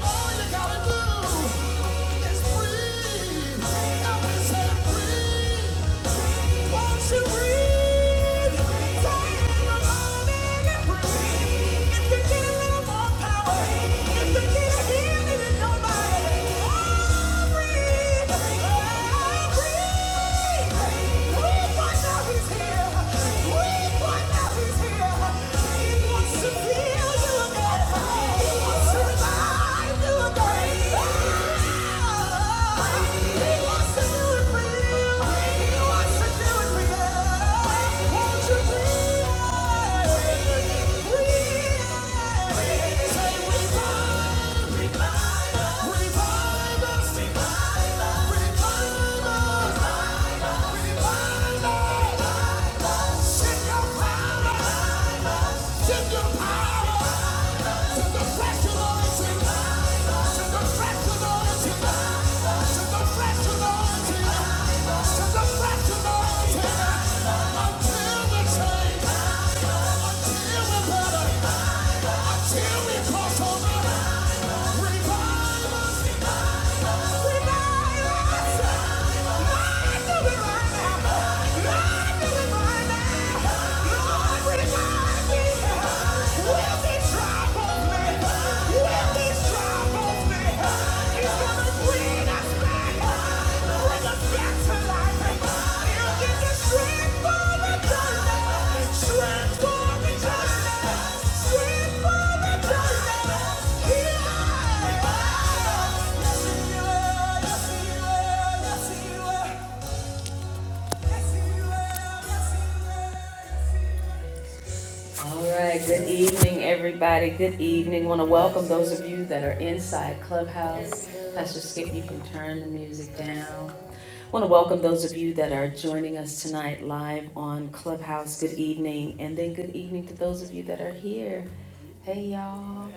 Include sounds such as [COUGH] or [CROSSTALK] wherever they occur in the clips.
What? Revive! Until we cross over, revive us. Will this trouble me? It's gonna bring us back. Yes, you will. Yes, you will. Yes, you will. Yes, you will. All right, good evening, everybody. Good evening. I Want to welcome those of you that are inside Clubhouse. Pastor Skip, you can turn the music down. I Want to welcome those of you that are joining us tonight live on Clubhouse. Good evening. And then good evening to those of you that are here. Hey, y'all.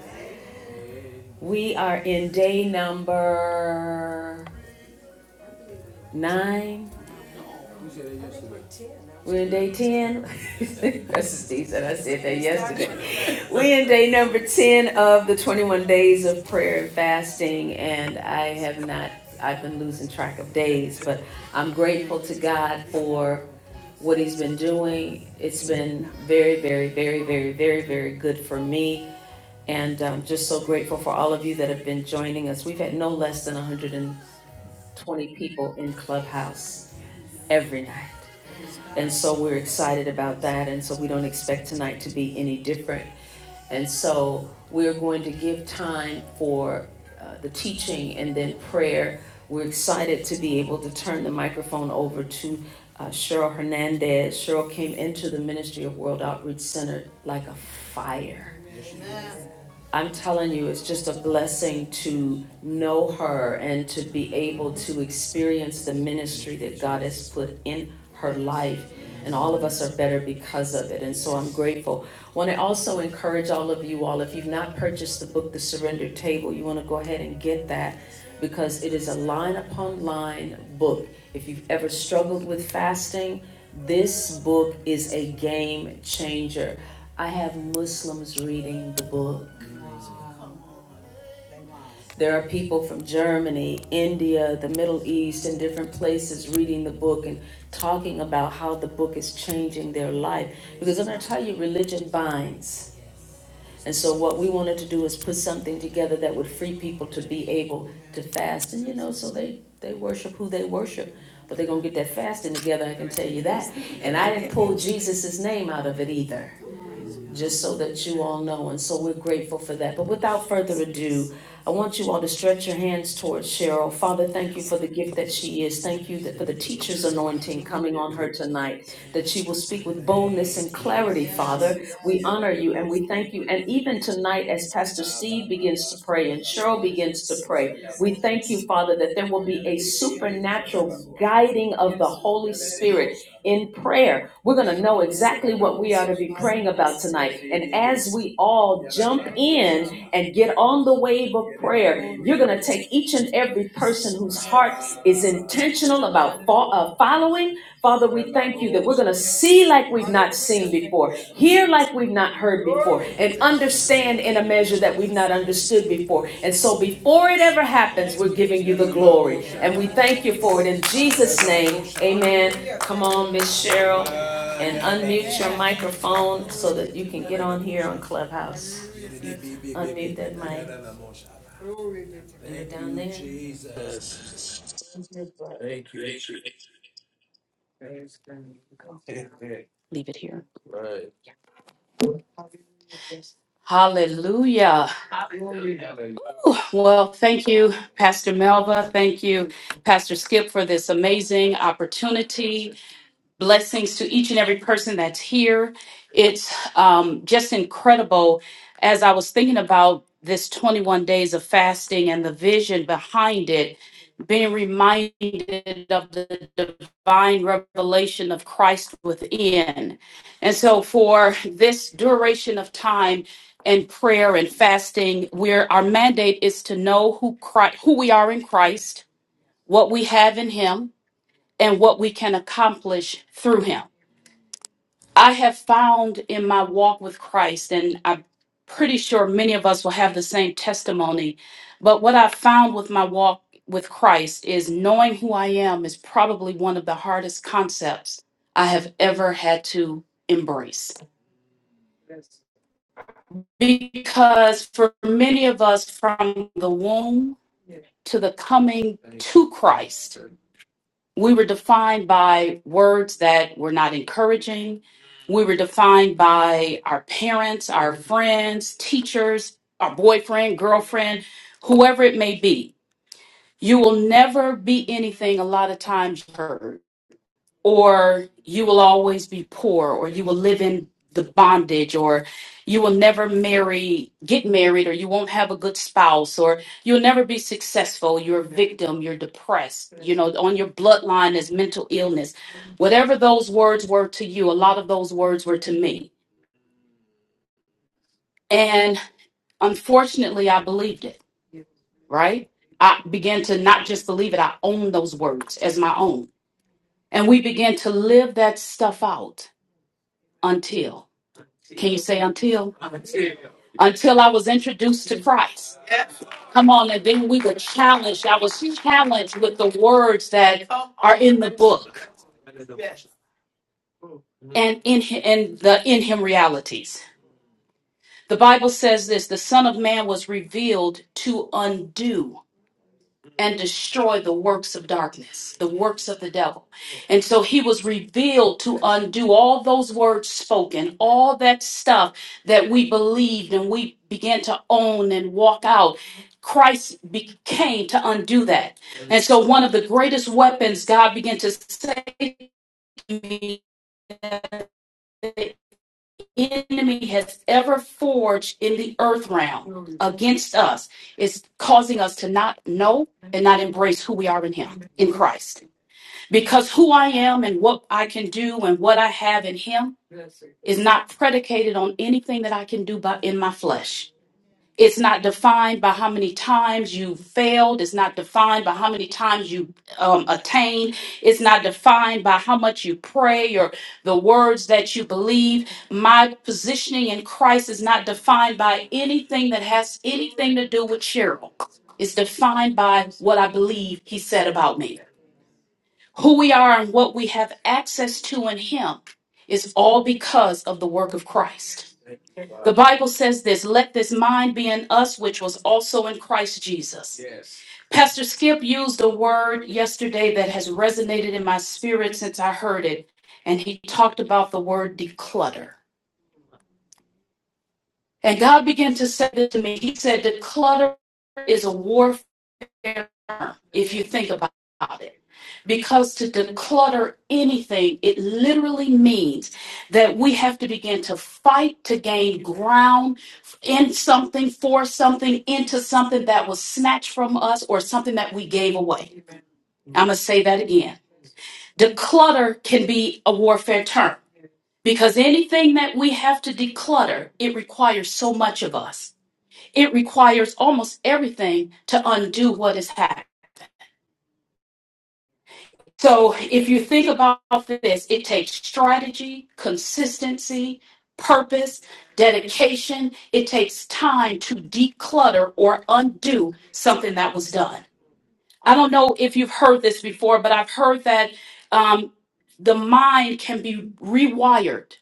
We are in day number nine We're in day ten. [LAUGHS] That's what Steve said. I said that yesterday. We are in day number ten of the twenty-one days of prayer and fasting, and I have not. I've been losing track of days, but I'm grateful to God for what He's been doing. It's been very, very, very, very, very, very good for me, and I'm just so grateful for all of you that have been joining us. We've had no less than 120 people in Clubhouse every night. And so we're excited about that, and so we don't expect tonight to be any different. And so we're going to give time for uh, the teaching and then prayer. We're excited to be able to turn the microphone over to uh, Cheryl Hernandez. Cheryl came into the Ministry of World Outreach Center like a fire. I'm telling you, it's just a blessing to know her and to be able to experience the ministry that God has put in her life. And all of us are better because of it. And so I'm grateful. Want to also encourage all of you all, if you've not purchased the book, The Surrender Table, you want to go ahead and get that because it is a line upon line book. If you've ever struggled with fasting, this book is a game changer. I have Muslims reading the book there are people from Germany, India, the Middle East, and different places reading the book and talking about how the book is changing their life. Because I'm going to tell you, religion binds. And so, what we wanted to do is put something together that would free people to be able to fast. And you know, so they, they worship who they worship. But they're going to get that fasting together, I can tell you that. And I didn't pull Jesus' name out of it either just so that you all know, and so we're grateful for that. But without further ado, I want you all to stretch your hands towards Cheryl. Father, thank you for the gift that she is. Thank you that for the teacher's anointing coming on her tonight, that she will speak with boldness and clarity, Father. We honor you and we thank you. And even tonight, as Pastor Steve begins to pray and Cheryl begins to pray, we thank you, Father, that there will be a supernatural guiding of the Holy Spirit in prayer. We're going to know exactly what we are to be praying about tonight. And as we all jump in and get on the wave of prayer, you're going to take each and every person whose heart is intentional about uh, following. Father, we Thank you that we're going to see like we've not seen before, hear like we've not heard before, and understand in a measure that we've not understood before. And so before it ever happens, we're giving you the glory. And we thank you for it in Jesus' name. Amen. Come on, Miss Cheryl, and unmute your microphone so that you can get on here on Clubhouse. Unmute that mic. You're down there. Jesus. leave it here. Hallelujah. Whew. Well, thank you, Pastor Melva. Thank you, Pastor Skip, for this amazing opportunity. blessings to each and every person that's here. It's um, just incredible. As I was thinking about this 21 days of fasting and the vision behind it, being reminded of the divine revelation of Christ within. And so, for this duration of time and prayer and fasting, where our mandate is to know who Christ, who we are in Christ, what we have in Him, and what we can accomplish through Him. I have found in my walk with Christ, and I'm pretty sure many of us will have the same testimony, but what I've found with my walk with Christ is knowing who I am is probably one of the hardest concepts I have ever had to embrace. Because for many of us, from the womb to the coming to Christ, we were defined by words that were not encouraging. We were defined by our parents, our friends, teachers, our boyfriend, girlfriend, whoever it may be. You will never be anything a lot of times you heard or you will always be poor or you will live in the bondage or you will never marry get married or you won't have a good spouse or you'll never be successful you're a victim you're depressed you know on your bloodline is mental illness whatever those words were to you a lot of those words were to me and unfortunately i believed it right i began to not just believe it i owned those words as my own and we began to live that stuff out until. Can you say until? Until I was introduced to Christ. Come on, and then we were challenged. I was challenged with the words that are in the book and in hi- and the in him realities. The Bible says this: the Son of Man was revealed to undo. and destroy the works of darkness, the works of the devil. And so he was revealed to undo all those words spoken, all that stuff that we believed and we began to own and walk out. Christ became to undo that. And so one of the greatest weapons God began to say to me that the enemy has ever forged in the earth realm against us is causing us to not know and not embrace who we are in him in Christ. Because who I am and what I can do and what I have in Him is not predicated on anything that I can do by, in my flesh. It's not defined by how many times you failed. It's not defined by how many times you um, attained. It's not defined by how much you pray or the words that you believe. My positioning in Christ is not defined by anything that has anything to do with Cheryl. It's defined by what I believe He said about me. Who we are and what we have access to in Him is all because of the work of Christ. The Bible says this let this mind be in us, which was also in Christ Jesus. Yes. Pastor Skip used a word yesterday that has resonated in my spirit since I heard it, and he talked about the word declutter. And God began to say this to me. He said, Declutter is a warfare if you think about it. Because to declutter anything, it literally means that we have to begin to fight to gain ground in something, for something, into something that was snatched from us or something that we gave away. I'm going to say that again. Declutter can be a warfare term because anything that we have to declutter, it requires so much of us. It requires almost everything to undo what has happened. So if you think about this, it takes strategy, consistency, purpose, dedication. It takes time to declutter or undo something that was done. I don't know if you've heard this before, but I've heard that um, the mind can be rewired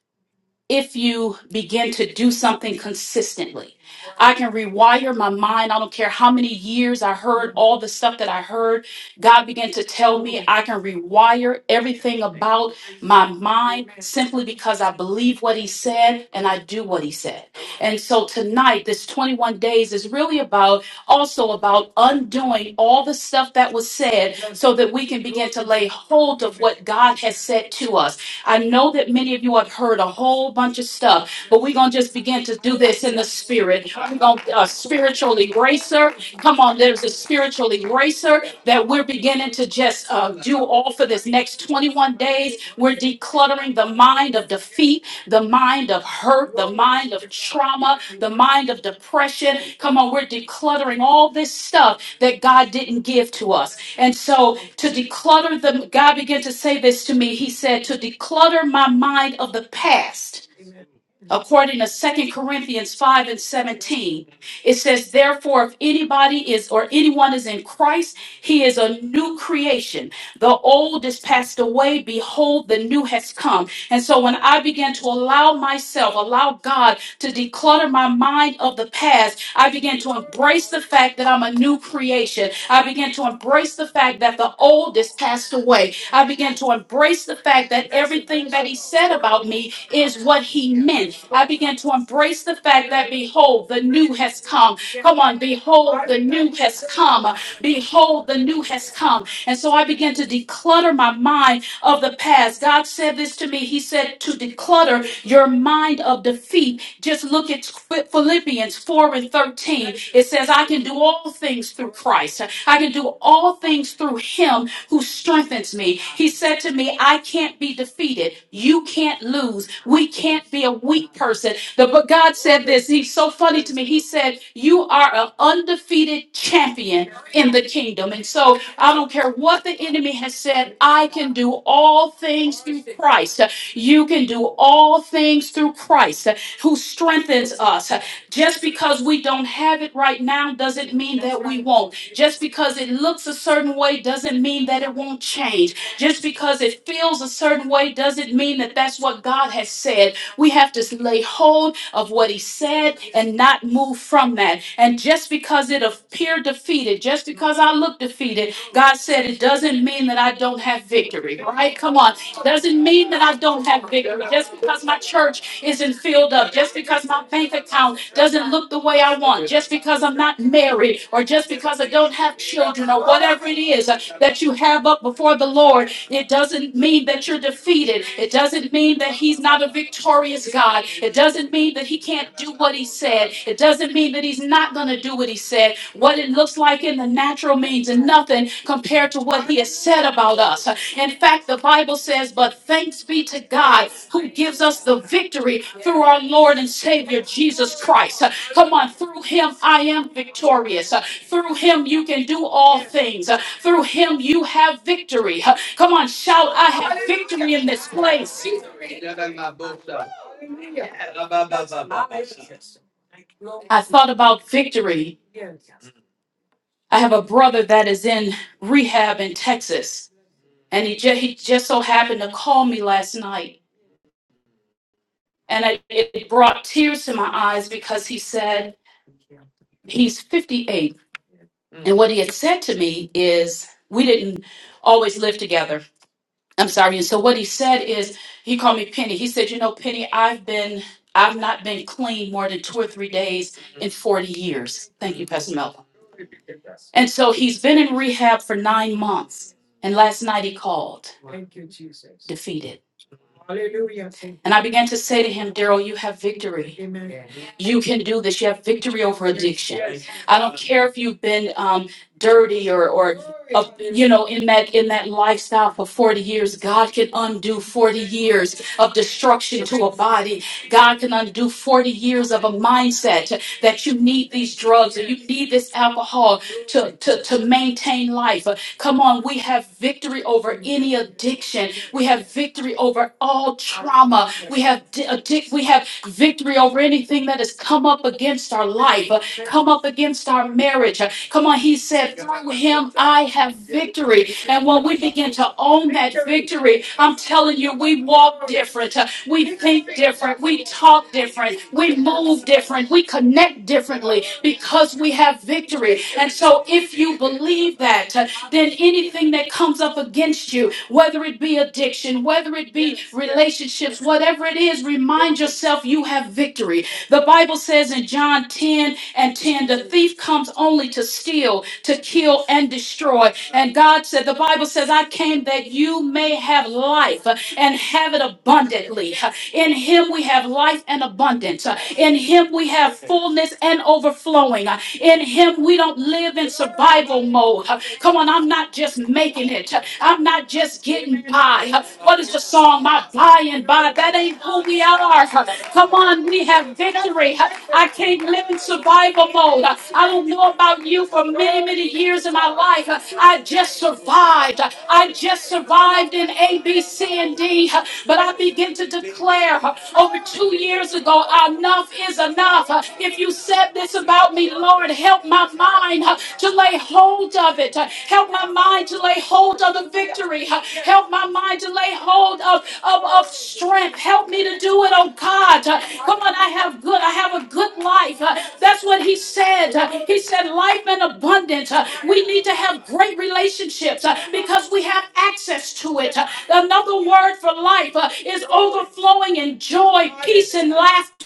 if you begin to do something consistently. I can rewire my mind. I don't care how many years I heard all the stuff that I heard. God began to tell me I can rewire everything about my mind simply because I believe what He said and I do what He said. And so tonight, this 21 days is really about also about undoing all the stuff that was said so that we can begin to lay hold of what God has said to us I know that many of you have heard a whole bunch of stuff, but we're going to just begin to do this in the spirit. We're going to uh, spiritual eraser. Come on, there's a spiritual eraser that we're beginning to just uh, do all for this next 21 days. We're decluttering the mind of defeat, the mind of hurt, the mind of trauma, the mind of depression. Come on, we're decluttering all this stuff that God didn't give to us. And so to declutter them. God began to say this to me. He said, to declutter my mind of the past according to Second Corinthians 5 and 17. It says, Therefore, if anybody is or anyone is in Christ, he is a new creation. The old is passed away. Behold, the new has come. And so when I began to allow myself, allow God to declutter my mind of the past, I began to embrace the fact that I'm a new creation. I began to embrace the fact that the old is passed away I began to embrace the fact that everything that he said about me is what he meant. I began to embrace the fact that, behold, the new has come. Come on, behold, the new has come. Behold, the new has come. And so I began to declutter my mind of the past. God said this to me. He said to declutter your mind of defeat. Just look at Philippians 4 and 13. It says, I can do all things through Christ. I can do all things through him who strengthens me. He said to me, I can't be defeated. You can't lose. We can't be a weak person. The, but God said this. He's so funny to me. He said, You are an undefeated champion in the kingdom. And so I don't care what the enemy has said, I can do all things through Christ. You can do all things through Christ who strengthens us. Just because we don't have it right now doesn't mean that we won't. Just because it looks a certain way doesn't mean that it won't change. Just because it feels a certain way doesn't mean that that's what God has said. We have to lay hold of what He said and not move from that. And just because it appeared defeated, just because I look defeated, God said it doesn't mean that I don't have victory, right? Come on. doesn't mean that I don't have victory. Just because my church isn't filled up, just because my bank account doesn't look the way I want, just because I'm not married, or just because I don't have children, or whatever it is uh, that you have up before the Lord, it doesn't mean that you're defeated. It doesn't mean that He's not a victorious God. It doesn't mean that He can't do what He said. It doesn't mean that He's not going to do what He said. What it looks like in the natural means nothing compared to what He has said about us. In fact, the Bible says, But thanks be to God who gives us the victory through our Lord and Savior Jesus Christ. Uh, Come on, through him I am victorious. Uh, Through him you can do all things. Uh, Through him you have victory. Uh, Come on, shout, I have victory in this place. I thought about victory. I have a brother that is in rehab in Texas, and he, ju- he just so happened to call me last night And it, it brought tears to my eyes because he said, He's 58. And what he had said to me is, We didn't always live together. I'm sorry. And so what he said is, He called me Penny. He said, You know, Penny, I've been. I've not been clean more than two or three days in 40 years. Thank you, Pastor Melvin. And so he's been in rehab for nine months. And last night he called, defeated. And I began to say to him, Daryl, you have victory. Amen. You can do this. You have victory over addiction. I don't care if you've been um, dirty or, or uh, you know, in that in that lifestyle for 40 years. God can undo 40 years of destruction to a body. God can undo 40 years of a mindset that you need these drugs or you need this alcohol to, to, to maintain life. Come on, we have victory over any addiction. We have victory over all trauma. We have di- addic- we have victory over anything that has come up against our life, uh, come up against our marriage. Uh, Come on, he said, through him I have victory. And when we begin to own that victory, I'm telling you, we walk different. We think different. We talk different. We move different. We connect differently because we have victory. And so, if you believe that, uh, then anything that comes up against you, whether it be addiction, whether it be relationships, whatever it is, remind yourself you have victory. The Bible says in John 10 and 10, the thief comes only to steal, to kill, and destroy. And God said, the Bible says, I came that you may have life and have it abundantly. In him we have life and abundance. In him we have fullness and overflowing. In him we don't live in survival mode. Come on, I'm not just making it. I'm not just getting by. What is the song? My by and by. That ain't who we are. Come on, we have victory. I can't live in survival mode. I didn't know about you for many, many years of my life. I just survived. I just survived in A, B, C, and D. But I began to declare over two years ago, enough is enough. If you said this about me, Lord, help my mind to lay hold of it. Help my mind to lay hold of the victory. Help my mind to lay hold of, of, of strength. Help me to do it, oh God. Uh, Come on, I have good, I have a good life. Uh, That's what he said. Uh, He said, life and abundance. Uh, We need to have great relationships uh, because we have access to it. Uh, Another word for life uh, is overflowing in joy, peace, and laughter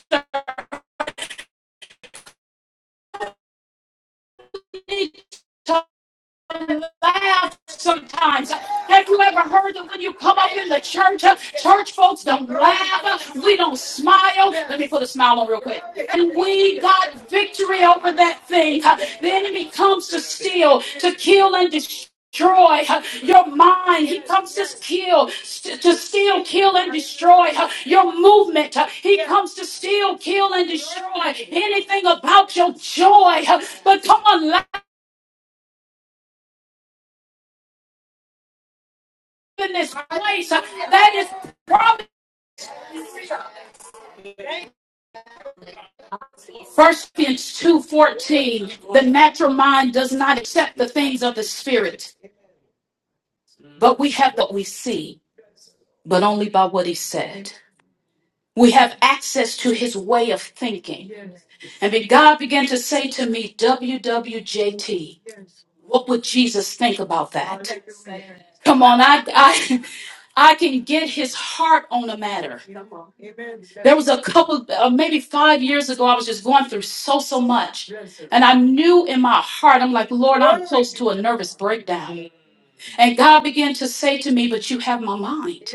laugh sometimes. Have you ever heard that when you come up in the church, uh, church folks don't laugh? uh, We don't smile. Let me put a smile on real quick. And we got victory over that thing. Uh, The enemy comes to steal, to kill, and destroy. uh, your mind. He comes to kill, st- to steal, kill, and destroy uh, your movement. uh, He comes to steal, kill, and destroy anything about your joy. uh, But come on, in this place. That is probably First Corinthians two fourteen. The natural mind does not accept the things of the spirit, but we have what we see, but only by what he said. We have access to his way of thinking. And God began to say to me, WWJT, what would Jesus think about that? Come on, I, I I can get his heart on a matter. Come on. Amen. There was a couple, uh, maybe five years ago, I was just going through so, so much. Yes, sir. And I knew in my heart, I'm like, Lord, I'm close to a nervous breakdown. And God began to say to me, But you have my mind.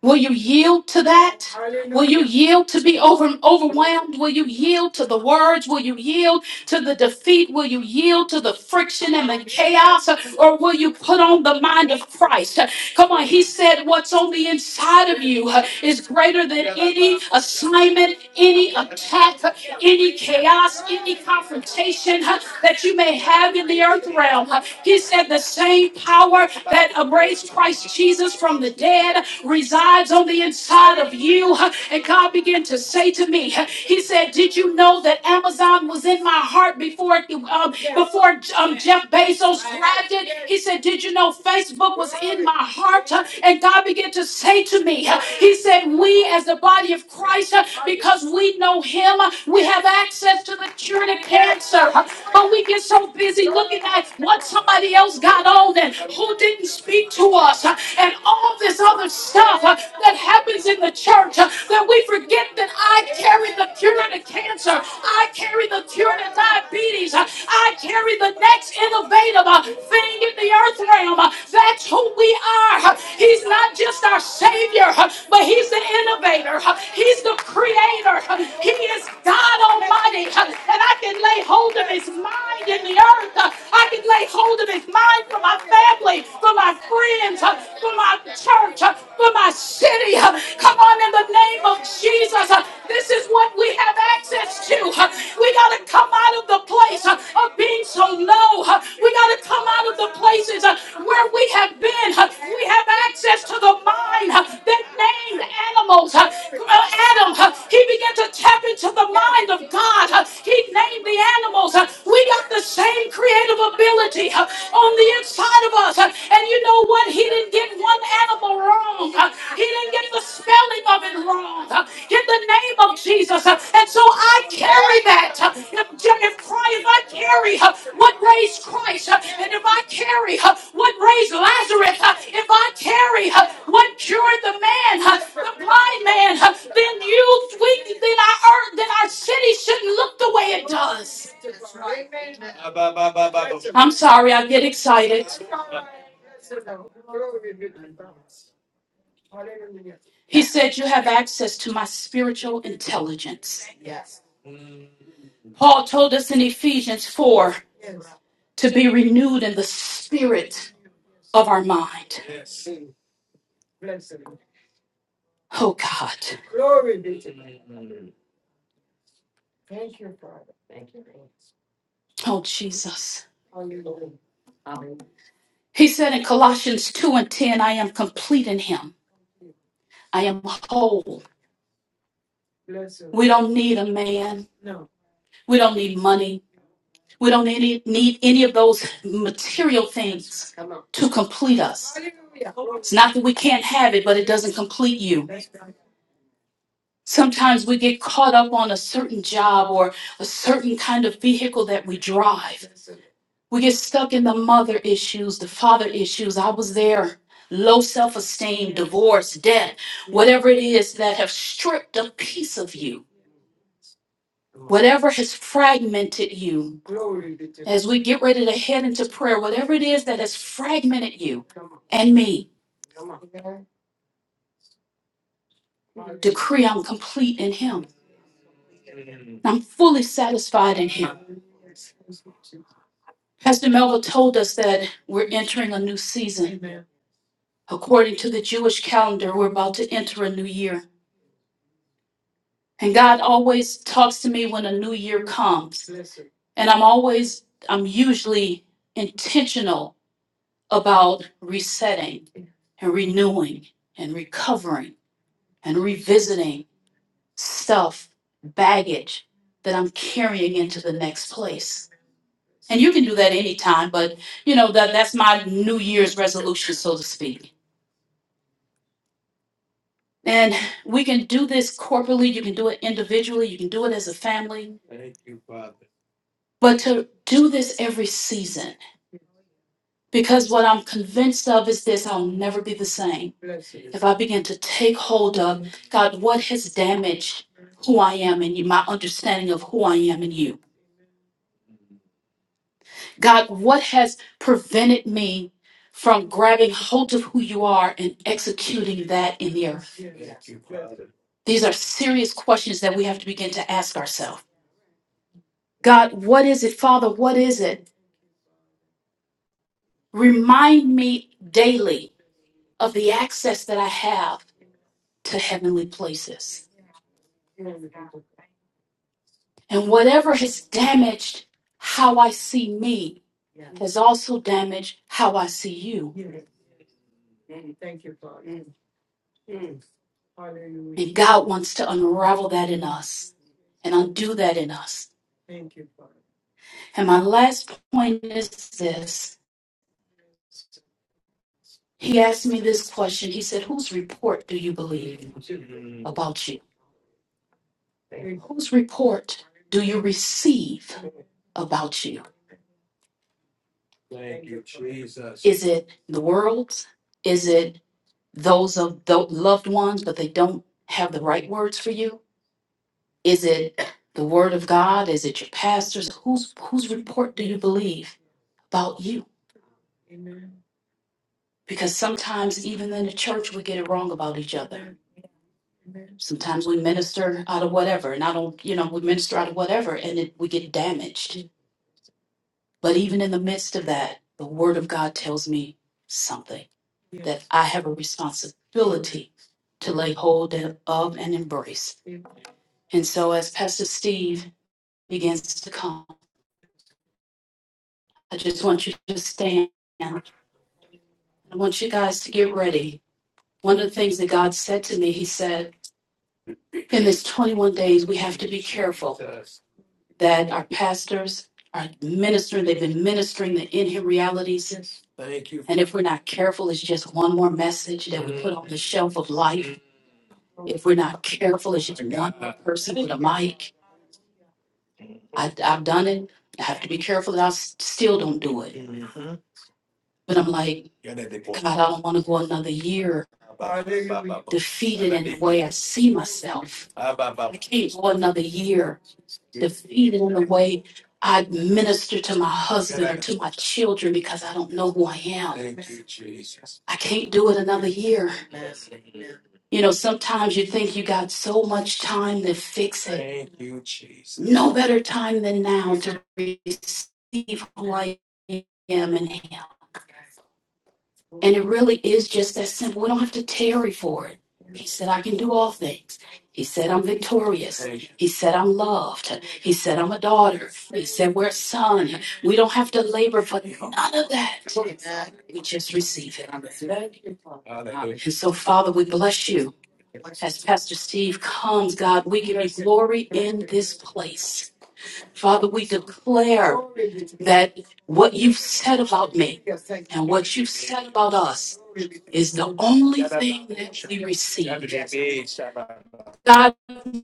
Will you yield to that? Will you yield to be over, overwhelmed? Will you yield to the words? Will you yield to the defeat? Will you yield to the friction and the chaos? Or will you put on the mind of Christ? Come on, he said, What's on the inside of you uh, is greater than any assignment, any attack, any chaos, any confrontation uh, that you may have in the earth realm. He said, The same power that raised Christ Jesus from the dead resides on the inside of you. And God began to say to me, He said, "Did you know that Amazon was in my heart before um, before um, Jeff Bezos grabbed it?" He said, "Did you know Facebook was in my heart?" And God began to say to me, He said, "We as the body of Christ, because we know Him, we have access to the cure to cancer." But we get so busy looking at what somebody else got on and who didn't speak to us uh, and all this other stuff uh, that happens in the church uh, that we forget that I carry the cure to cancer, I carry the cure to diabetes, uh, I carry the next innovative uh, thing in the earth realm. Uh, That's who we are. Uh, He's not just our Savior, uh, but He's the innovator, Uh, He's the creator, Uh, He is God Almighty, Uh, and I can lay hold of His mind in the earth. Uh, I can lay hold of His mind from for my family, for my friends, uh, for my church, uh, for my city. uh, Come on, in the name of Jesus. uh, This is what we have access to. uh, We got to come out of the place uh, of being so low. uh, We got to come out of the places uh, where we have been. uh, We have access to the mind uh, that named animals. uh, uh, Adam, uh, he began to tap into the mind of God. uh, He named the animals. uh, We got the same creative of ability uh, on the inside of us. Uh, And you know what? He didn't get one animal wrong. Uh, He didn't get the spelling of it wrong. Uh, In the name of Jesus. Uh, And so I carry that. Uh, If, if, Christ- if I carry uh, what raised Christ, uh, and if I carry uh, what raised Lazarus, uh, if I carry uh, what cured the man, uh, the blind man, uh, then you, we, then our earth, then our city shouldn't look the way it does. I'm sorry, I get excited. He said, You have access to my spiritual intelligence. Paul told us in Ephesians 4 to be renewed in the spirit of our mind. Oh God. Oh Jesus. He said in Colossians 2 and 10, I am complete in him. I am whole. We don't need a man. We don't need money. We don't need, need any of those material things. to complete us. It's not that we can't have it, but it doesn't complete you. Sometimes we get caught up on a certain job or a certain kind of vehicle that we drive. We get stuck in the mother issues, the father issues. I was there. Low self esteem, divorce, debt, whatever it is that have stripped a piece of you, whatever has fragmented you. As we get ready to head into prayer, whatever it is that has fragmented you and me, decree I'm complete in Him. I'm fully satisfied in Him. Pastor Melva told us that we're entering a new season. According to the Jewish calendar, we're about to enter a new year. And God always talks to me when a new year comes. And I'm always, I'm usually intentional about resetting and renewing and recovering and revisiting self baggage that I'm carrying into the next place. And you can do that anytime, but you know that that's my New Year's resolution, so to speak. And we can do this corporately, you can do it individually, you can do it as a family, but to do this every season. Because what I'm convinced of is this I'll never be the same. If I begin to take hold of, God, what has damaged who I am and you, my understanding of who I am and you? God, what has prevented me from grabbing hold of who you are and executing that in the earth? These are serious questions that we have to begin to ask ourselves. God, what is it? Father, what is it? Remind me daily of the access that I have to heavenly places. And whatever has damaged how I see me has also damaged how I see you. And God wants to unravel that in us and undo that in us. And my last point is this. He asked me this question. He said, Whose report do you believe about you? Whose report do you receive about you? Is it the world's? Is it those of the loved ones, but they don't have the right words for you? Is it the word of God? Is it your pastors? Whose whose report do you believe about you? Because sometimes even in the church we get it wrong about each other. Sometimes we minister out of whatever, and I don't, you know, we minister out of whatever, and it, we get damaged. But even in the midst of that, the word of God tells me something that I have a responsibility to lay hold of and embrace. And so, as Pastor Steve begins to come, I just want you to stand. I want you guys to get ready. One of the things that God said to me, He said, in this 21 days, we have to be careful that our pastors are ministering. They've been ministering the in Him realities. Thank you. And if we're not careful, it's just one more message that we put on the shelf of life. If we're not careful, it's just one more person with a mic. I, I've done it. I have to be careful that I s- still don't do it. But I'm like, God, I don't want to go another year defeated in the way I see myself. I can't go another year defeated in the way I minister to my husband or to my children because I don't know who I am. I can't do it another year. You know, sometimes you think you got so much time to fix it. No better time than now to receive who I am in Him. And it really is just that simple. We don't have to tarry for it. He said, I can do all things. He said, I'm victorious. He said, I'm loved. He said, I'm a daughter. He said, we're a son. We don't have to labor for none of that. We just receive it. And so, Father, we bless you. As Pastor Steve comes, God, we give you glory in this place. Father, we declare that what you've said about me and what you've said about us is the only thing that we receive. God,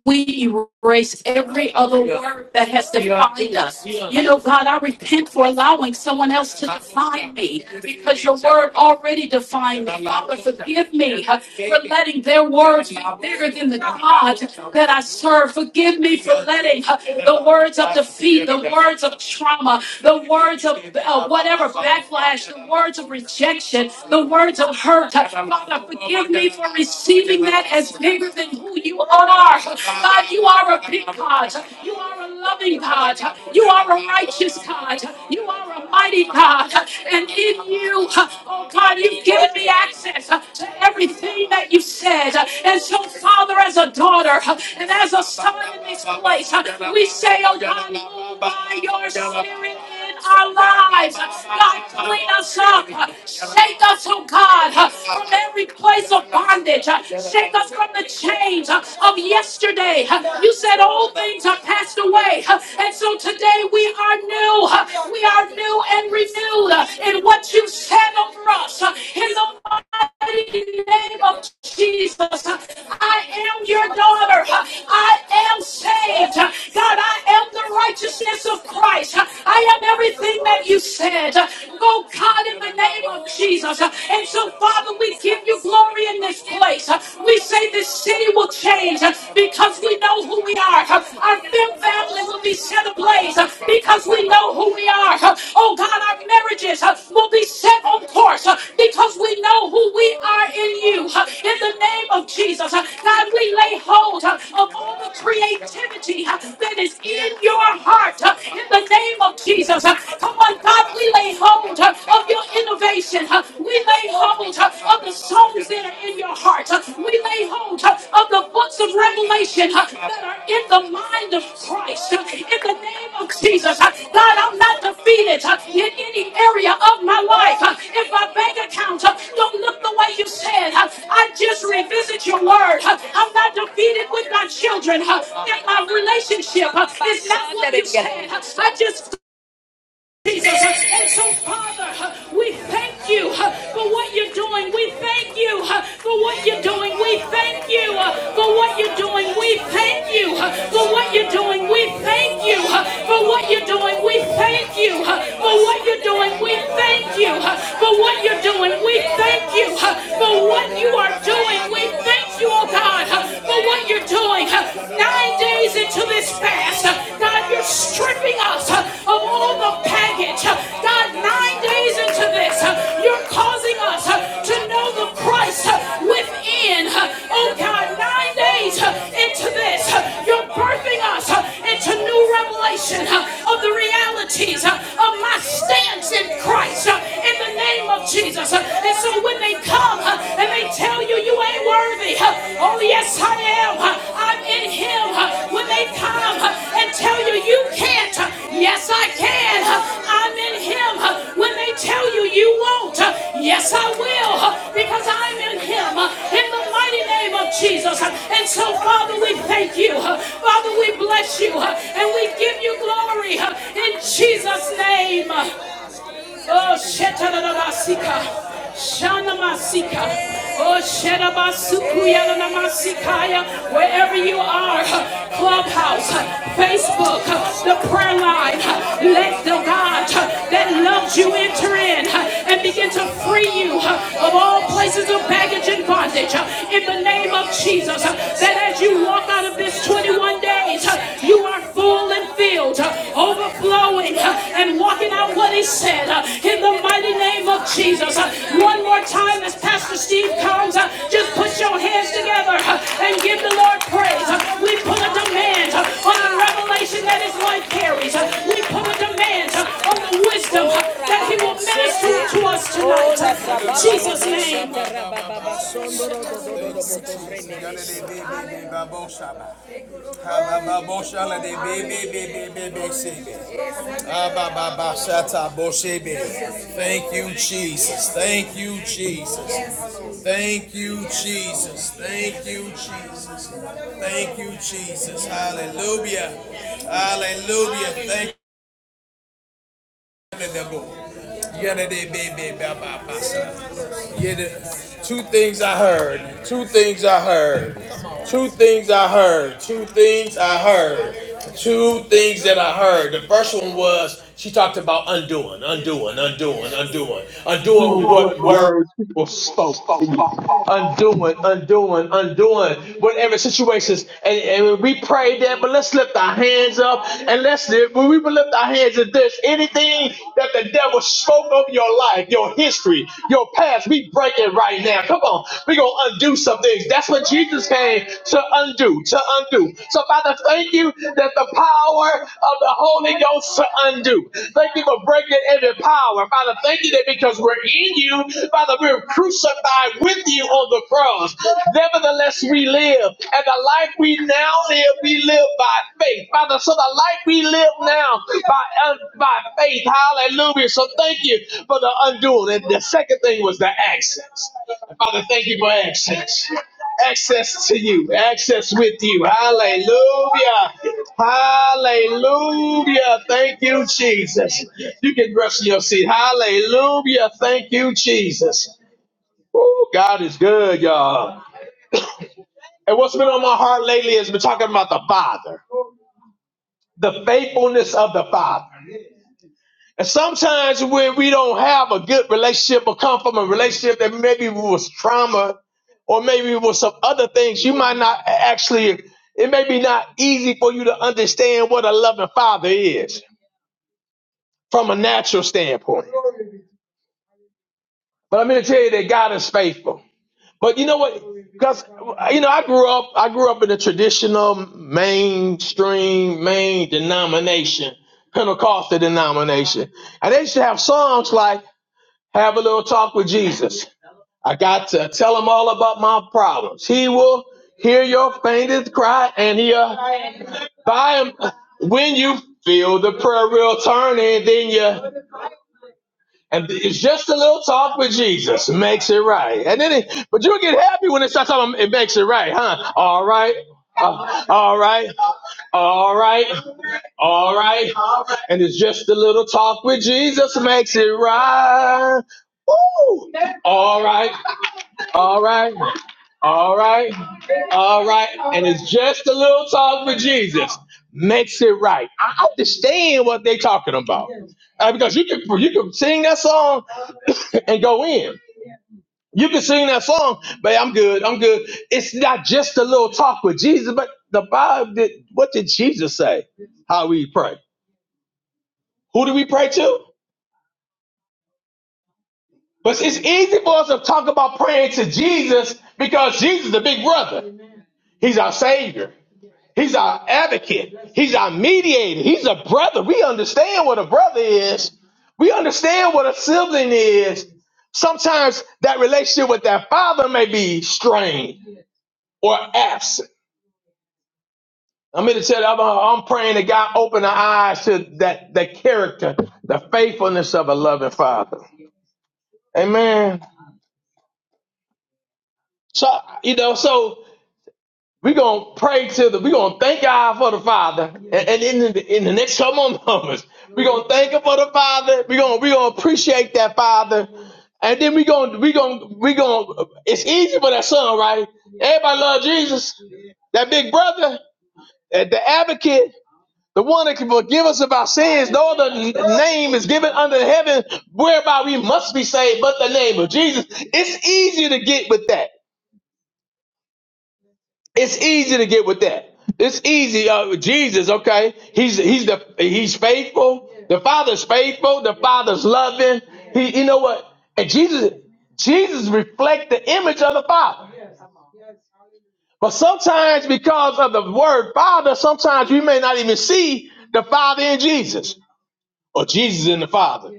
we erase every other word that has defined us. You know, God, I repent for allowing someone else to define me because your word already defined me. Father, forgive me for letting their words be bigger than the God that I serve. Forgive me for letting uh, the words of defeat, the words of trauma, the words of uh, whatever backlash, the words of rejection, the words of hurt. Father, forgive me for receiving that as bigger than who you are. God, you are a big God. You are a loving God. You are a righteous God. You are a mighty God. And in you, oh God, you've given me access to everything that you said. And so, Father, as a daughter and as a son in this place, we say, oh God, move by your spirit in our lives. God, clean us up. Shake us, oh God, from every place of bondage. Shake us from the chains of yesterday. You said all things are passed away. And so today we are new. We are new and renewed in what you said over us. In the mighty name of Jesus, I am your daughter. I am saved. God, I am the righteousness of Christ. I am everything that you said. Oh God, in the name of Jesus. And so, Father, we give you glory in this place. We say this city will change because we know who we are. Our fam- family will be set ablaze because we know who we are. Oh, God, our marriages will be set on course because we know who we are in you. In the name of Jesus, God, we lay hold of all the creativity that is in your heart. In the name of of Jesus. Uh, Come on, God, we lay hold uh, of your innovation. Uh, We lay hold uh, of the songs that are in your heart. Uh, We lay hold uh, of the books of revelation uh, that are in the mind of Christ. Uh, In the name of Jesus, uh, God, I'm not defeated uh, in any area of my life. Uh, If my bank account uh, don't look the way you said, uh, I just revisit your word. Uh, I'm not defeated with my children. uh, And my relationship uh, is not what you said. Uh, I just Jesus. And so, Father, we thank you huh, for what you're doing. We thank you huh, for what you're doing. We thank you huh, for what you're doing. We thank you huh, for what you're doing. We thank you huh, for what you're doing. We thank you huh, for what you're doing. We thank you huh, for what you're doing. We thank you huh, for what you are doing. We thank you, oh God, huh, for what you're doing. huh. Nine days into this fast, God, you're stripping us of all the baggage. God, nine days into this, you're causing us to know the Christ within. Oh, God, nine days into this, you're birthing us into new revelation of the realities of my stance in Christ in the name of Jesus. And so when they come and they might tell you you ain't worthy. Huh. Oh, yes, I am. Huh. I'm in Him. Huh. When they come huh, and tell you you can't, Huh. yes, I can. Huh. I'm in Him. Huh. When they tell you you won't, Huh. yes, I will. Huh. Because I'm in Him. Huh. In the mighty name of Jesus. Huh. And so, Father, we thank you. Huh. Father, we bless you. Huh. And we give you glory. Huh. In Jesus' name. Oh, Shetanabasika. Shanamasika. Oh, Shetabasukuyanamasikaya. Wherever you are, Clubhouse, Facebook, the prayer line, let the God that loves you enter in and begin to free you of all places of baggage and bondage. In the name of Jesus, that as you walk out of this 21 days, you are full and filled filled, uh, overflowing, uh, and walking out what He said uh, in the mighty name of Jesus. Uh, One more time as Pastor Steve comes, uh, just put your hands together uh, and give the Lord praise. Uh, We put a demand uh, on the revelation that His life carries. Uh, We put a a demand uh, on the wisdom uh, that He will minister to us tonight. In Jesus' name. Thank you, Jesus. Thank you, Jesus. Thank you, Jesus. Thank you, Jesus. Thank you, Jesus. Hallelujah. Hallelujah. Thank yeah, two things I heard. Two things I heard. Two things I heard. Two things I heard. Two things that I heard. The first one was she talked about undoing, undoing, undoing, undoing, undoing undoing what what were. words people spoke. Undoing, undoing, undoing whatever situations. And, and when we pray that, but let's lift our hands up and let's when we lift our hands at this, anything that the devil spoke over your life, your history, your past, we break it right now. Come on, we're gonna undo some things. That's what Jesus came to undo, to undo. So Father, thank you that the power of the Holy Ghost to undo. Thank you for breaking every power. Father, thank you that because we're in you, Father, we're crucified with you on the cross. Nevertheless, we live. And the life we now live, we live by faith. Father, so the life we live now by, uh, by faith. Hallelujah. So thank you for the undoing. And the second thing was the access. Father, thank you for access access to you, access with you. Hallelujah. Hallelujah. Thank you, Jesus. You can rest in your seat. Hallelujah. Thank you, Jesus. Oh, God is good, y'all. And what's been on my heart lately has been talking about the Father, the faithfulness of the Father. And sometimes when we don't have a good relationship or come from a relationship that maybe was trauma or maybe it was some other things, you might not actually, it may be not easy for you to understand what a loving father is from a natural standpoint. But I'm going to tell you that God is faithful. But you know what? Because you know, I grew up. I grew up in a traditional, mainstream, main denomination, Pentecostal denomination, and they used to have songs like have a little talk with Jesus. I got to tell him all about my problems. He will hear your faintest cry and he'll by him when you feel the prayer wheel turning, then you and it's just a little talk with Jesus makes it right. And then it, but you get happy when it starts talking it makes it right, huh? All right. uh, all right, all right, all right, and it's just a little talk with Jesus makes it right. Woo! All right, all right, all right, all right. And it's just a little talk with Jesus. Makes it right. I understand what they're talking about. Uh, because you can you can sing that song and go in. You can sing that song, but I'm good, I'm good. It's not just a little talk with Jesus, but the Bible did what did Jesus say? How we pray. Who do we pray to? But it's easy for us to talk about praying to Jesus because Jesus is a big brother. He's our Savior. He's our advocate. He's our mediator. He's a brother. We understand what a brother is. We understand what a sibling is. Sometimes that relationship with that father may be strained or absent. I'm here to tell you, I'm, I'm praying that God open our eyes to that, that character, the faithfulness of a loving father. Amen. So, you know, so We're gonna pray to the we're gonna thank God for the Father. And, and in the in the next couple of moments, we're gonna thank him for the Father. We're gonna we're gonna appreciate that Father. And then we're gonna we gonna we gonna it's easy for that son, right? Everybody love Jesus. That big brother, that- the advocate, the one that can forgive us of our sins. No other n- name is given under heaven whereby we must be saved but the name of Jesus. It's easy to get with that. It's easy to get with that. It's easy. Uh, Jesus, okay, he's he's the he's faithful. The Father's faithful. The Father's loving. He, you know what? And Jesus, Jesus reflects the image of the Father. But sometimes, because of the word Father, sometimes we may not even see the Father in Jesus or Jesus in the Father.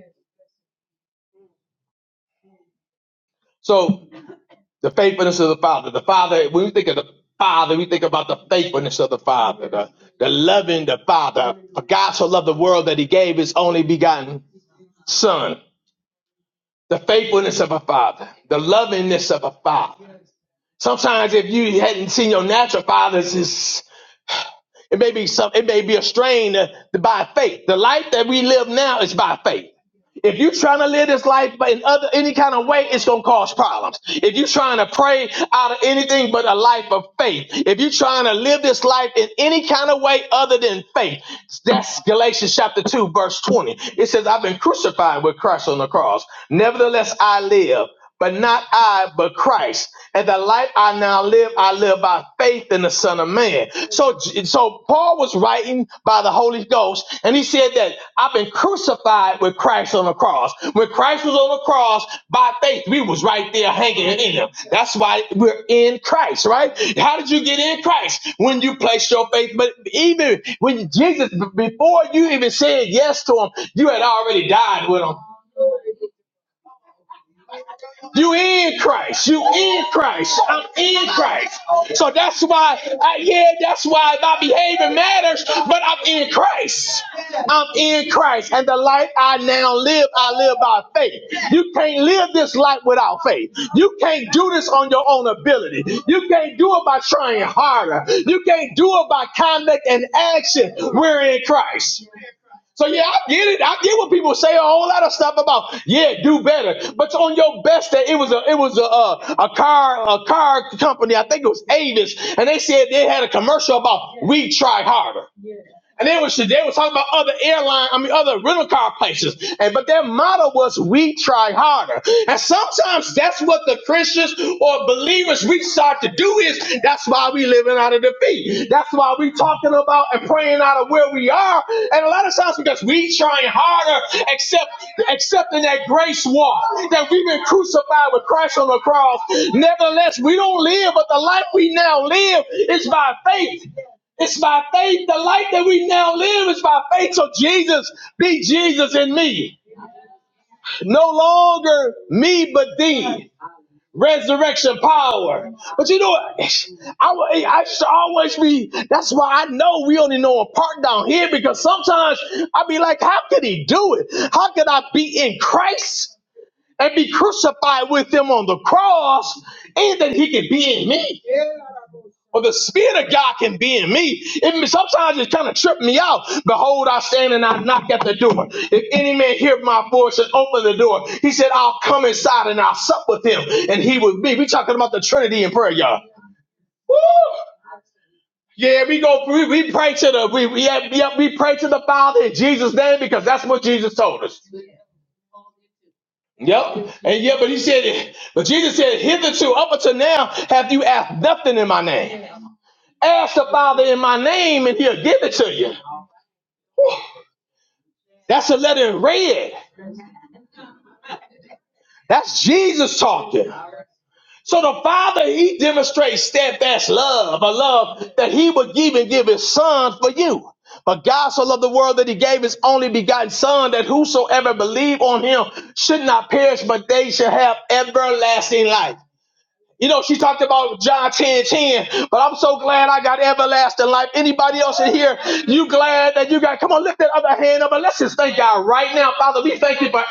So The faithfulness of the Father. The Father, when we think of the Father, we think about the faithfulness of the Father, the, the loving the Father. For God so loved the world that he gave his only begotten Son. The faithfulness of a father, the lovingness of a father. Sometimes if you hadn't seen your natural fathers, it's it may be some. It may be a strain uh, by faith. The life that we live now is by faith. If you're trying to live this life but in other any kind of way, it's gonna cause problems. If you're trying to pray out of anything but a life of faith, if you're trying to live this life in any kind of way other than faith, that's Galatians chapter 2, verse 20. It says, I've been crucified with Christ on the cross. Nevertheless, I live but not I, but Christ. And the life I now live, I live by faith in the Son of Man. So, so Paul was writing by the Holy Ghost, and he said that I've been crucified with Christ on the cross. When Christ was on the cross, by faith, we was right there hanging in him. That's why we're in Christ, right? How did you get in Christ? When you placed your faith, but even when Jesus, before you even said yes to him, you had already died with him you in Christ. You in Christ. I'm in Christ. So that's why, I, yeah, that's why my behavior matters, but I'm in Christ. I'm in Christ, and the life I now live, I live by faith. You can't live this life without faith. You can't do this on your own ability. You can't do it by trying harder. You can't do it by conduct and action. We're in Christ. So yeah, I get it. I get what people say a whole lot of stuff about. Yeah, do better. But on your best day, it was a it was a uh, a car a car company. I think it was Avis, and they said they had a commercial about we try harder. And they was, they was talking about other airline, I mean, other rental car places. And, but their motto was, we try harder. And sometimes that's what the Christians or believers we start to do is, that's why we living out of defeat. That's why we talking about and praying out of where we are. And a lot of times because we trying harder, except, accepting that grace walk, that we've been crucified with Christ on the cross. Nevertheless, we don't live, but the life we now live is by faith it's by faith, the life that we now live is by faith. So Jesus, be Jesus in me. No longer me, but thee. Resurrection power. But you know what? I, wa- I should always be, that's why I know we only know a part down here because sometimes I be like, how could he do it? How could I be in Christ and be crucified with him on the cross and that he could be in me? Well, the spirit of God can be in me. It, sometimes it kind of tripped me out. Behold, I stand and I knock at the door. If any man hear my voice and open the door, he said, I'll come inside and I'll sup with him and he with me. We talking about the Trinity in prayer, y'all. Woo! Yeah, we go. We, we pray to the we we, yeah, yeah, we pray to the Father in Jesus' name because that's what Jesus told us. Yep. And yeah, but he said, but Jesus said, hitherto up until now have you asked nothing in my name. Ask the Father in my name, and He'll give it to you. That's a letter in red. That's Jesus talking. So the Father, He demonstrates steadfast love, a love that He would even give His Son for you. But God so loved the world that He gave His only begotten Son, that whosoever believe on Him should not perish, but they should have everlasting life. You know, she talked about John 10 10, but I'm so glad I got everlasting life. Anybody else in here, you glad that you got, come on, lift that other hand up and let's just thank God right now. Father, we thank you for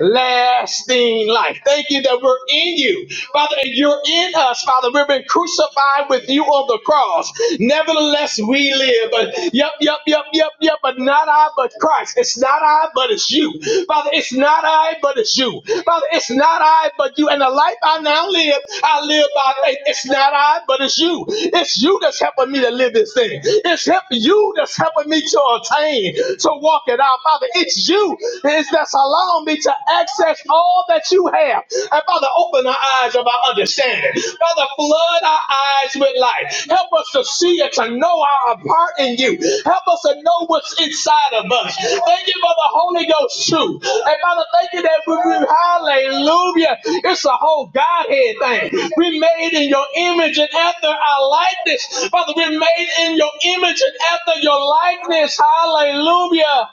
everlasting life. Thank you that we're in you, Father, and you're in us, Father. We've been crucified with you on the cross. Nevertheless, we live. But, yep, yep, yep, yep, yep, But but not I, but Christ. It's not I, but it's you. Father, it's not I, but it's you. Father, it's not I, but you. And the life I now live, I live by faith. It's not I, but it's you. It's you that's helping me to live this thing. It's help, you that's helping me to attain, to walk it out. Father, it's you is that's allowing me to access all that you have. And Father, open the eyes of our understanding understanding. Father, flood our eyes with light. Help us to see and to know our part in you. Help us to know what's inside of us. Thank you for the Holy Ghost too. And Father, thank you that we, we- hallelujah. It's a whole Godhead thing. We made in your image and after our likeness. Father, we're made in your image and after your likeness. Hallelujah.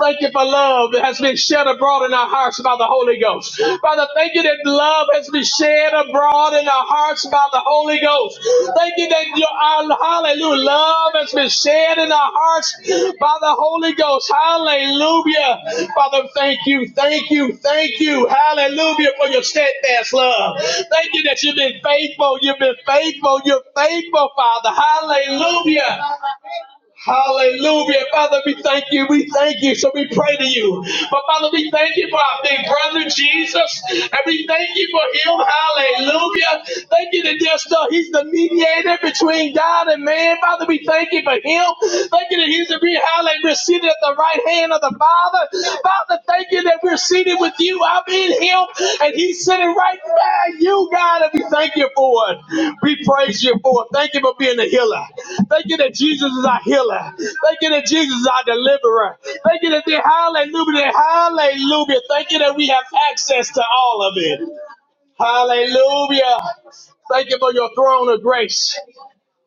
Thank you for love that has been shed abroad in our hearts by the Holy Ghost. Father, thank you that love has been shed abroad in our hearts by the Holy Ghost. Thank you that your our- hallelujah love has been shed in our hearts by the Holy Ghost. Hallelujah. Father, thank you, thank you, thank you. Hallelujah for your steadfast love. Thank you that you've been faithful. You've been faithful. You're faithful, Father. Hallelujah. Hallelujah. Father, we thank you. We thank you. So we pray to you. But Father, we thank you for our big brother Jesus. And we thank you for him. Hallelujah. Thank you that there's still, he's the mediator between God and man. Father, we thank you for him. Thank you that he's the re- hallelujah, seated at the right hand of the Father. Father, thank you that we're seated with you. I'm in him, and he's sitting right by you, God, and we thank you for it. We praise you for it. Thank you for being a healer. Thank you that Jesus is our healer. Thank you that Jesus is our deliverer. Thank you that they hallelujah, hallelujah. Thank you that we have access to all of it. Hallelujah. Thank you for your throne of grace.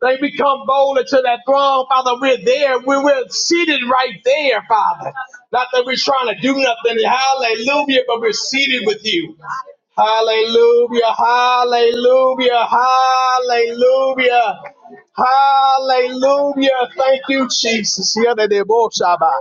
They become bold into that throne, Father. We're there. We're, we're seated right there, Father. Not that we're trying to do nothing. Hallelujah. But we're seated with you. Hallelujah. Hallelujah. Hallelujah. Hallelujah. Thank you, Jesus. Yadadebo shaba.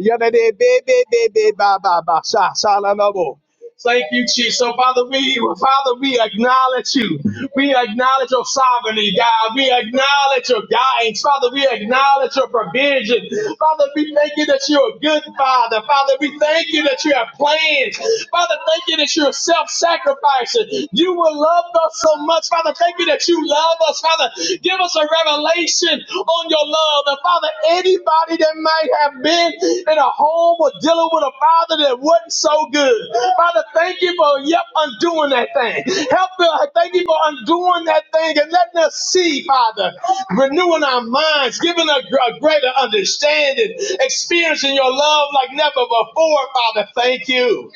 Yadadebebebebe ba ba ba sha sha la la bo. Thank you, Chief. So, Father, we, Father, we acknowledge you. We acknowledge your sovereignty, God. We acknowledge your guidance, Father. We acknowledge your provision, Father. We thank you that you're a good Father, Father. We thank you that you have plans, Father. Thank you that you're self-sacrificing. You will love us so much, Father. Thank you that you love us, Father. Give us a revelation attention on your love. And Father, anybody that might have been in a home or dealing with a father that wasn't so good, Father, thank you for yep undoing that thing. Help us. Thank you for undoing that thing and letting us see, Father, renewing our minds, giving us a, greater understanding, experiencing your love like never before, Father. Thank you.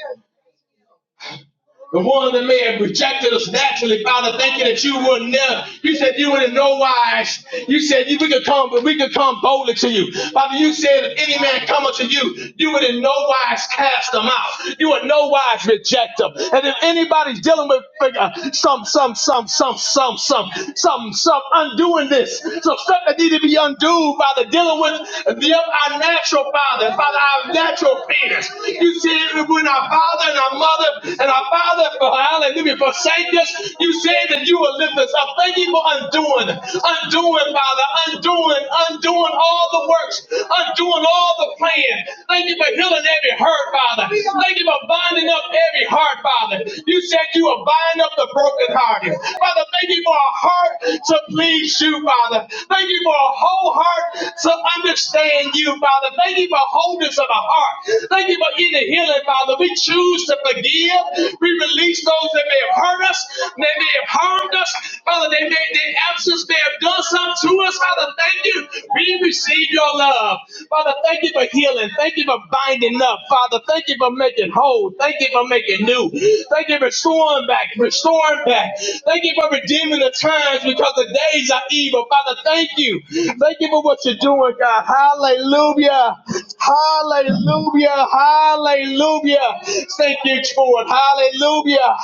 The one that may have rejected us naturally, Father, thank you that you would never. You said you would in no wise. You said you, we could come, but we could come boldly to you. Father, you said if any man come unto you, you would in no wise cast them out. You would in no wise reject them. And if anybody's dealing with uh, some, some, some, some, some, some, some, some undoing this, some stuff that need to be undone, Father, dealing with the, our natural, Father, Father, our natural parents. You said when our father and our mother and our father, oh, hallelujah, forsake us, you said that you will lift us up. Thank you for undoing, undoing, Father, undoing, undoing all the works, undoing all the plan. Thank you for healing every hurt, Father. Thank you for binding up every heart, Father. You said you will bind up the brokenhearted. Father, thank you for a heart to please you, Father. Thank you for a whole heart to understand you, Father. Thank you for wholeness of the heart. Thank you for inner healing, Father. We choose to forgive. We release those that may have hurt us, they may have harmed us, Father. They may their absence may have done something to us, Father. Thank you. We receive your love, Father. Thank you for healing. Thank you for binding up, Father. Thank you for making whole. Thank you for making new. Thank you for restoring back, restoring back. Thank you for redeeming the times because the days are evil. Father, thank you. Thank you for what you're doing, God. Hallelujah. Hallelujah. Hallelujah. Thank you for it. Hallelujah.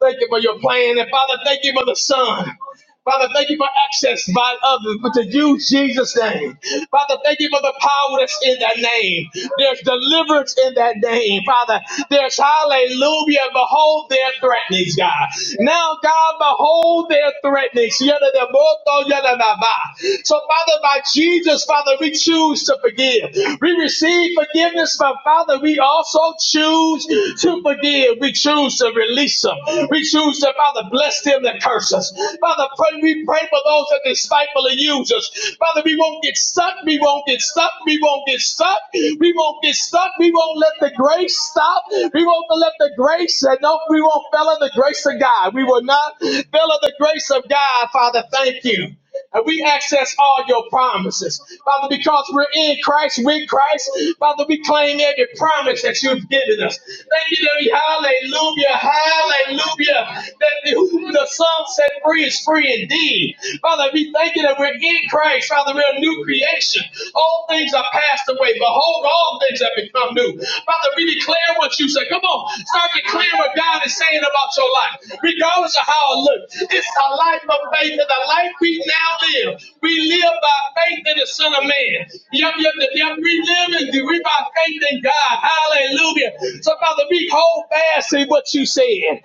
Thank you for your plan. And Father, thank you for the Son. Father, thank you for access by others, but to you, Jesus' name. Father, thank you for the power that's in that name. There's deliverance in that name, Father. There's hallelujah. Behold their threatenings, God. Now, God, behold their threatenings. Yadadaboto, yadadaba. So, Father, by Jesus, Father, we choose to forgive. We receive forgiveness, but Father, we also choose to forgive. We choose to release them. We choose to, Father, bless them that curse curse us. Father, pray, we pray for those that despitefully use us. Father, we won't get stuck. We won't get stuck. We won't get stuck. We won't get stuck. We won't let the grace stop. We won't let the grace, and no, we won't fail in the grace of God. We will not fail in the grace of God, Father. Thank you and we access all your promises. Father, because we're in Christ, with Christ, Father, we claim every promise that you've given us. Thank you, that we, hallelujah, hallelujah, that who the Son set free is free indeed. Father, we thank you that we're in Christ, Father, we're a new creation. All things are passed away. Behold, all things have become new. Father, we declare what you say. Come on, start declaring what God is saying about your life, regardless of how it looks. It's a life of faith, and the life we now live, we live by faith in the Son of Man. Yep, yep, yep. yep. We live and we by faith in God. Hallelujah. So, Father, we hold fast to what you said.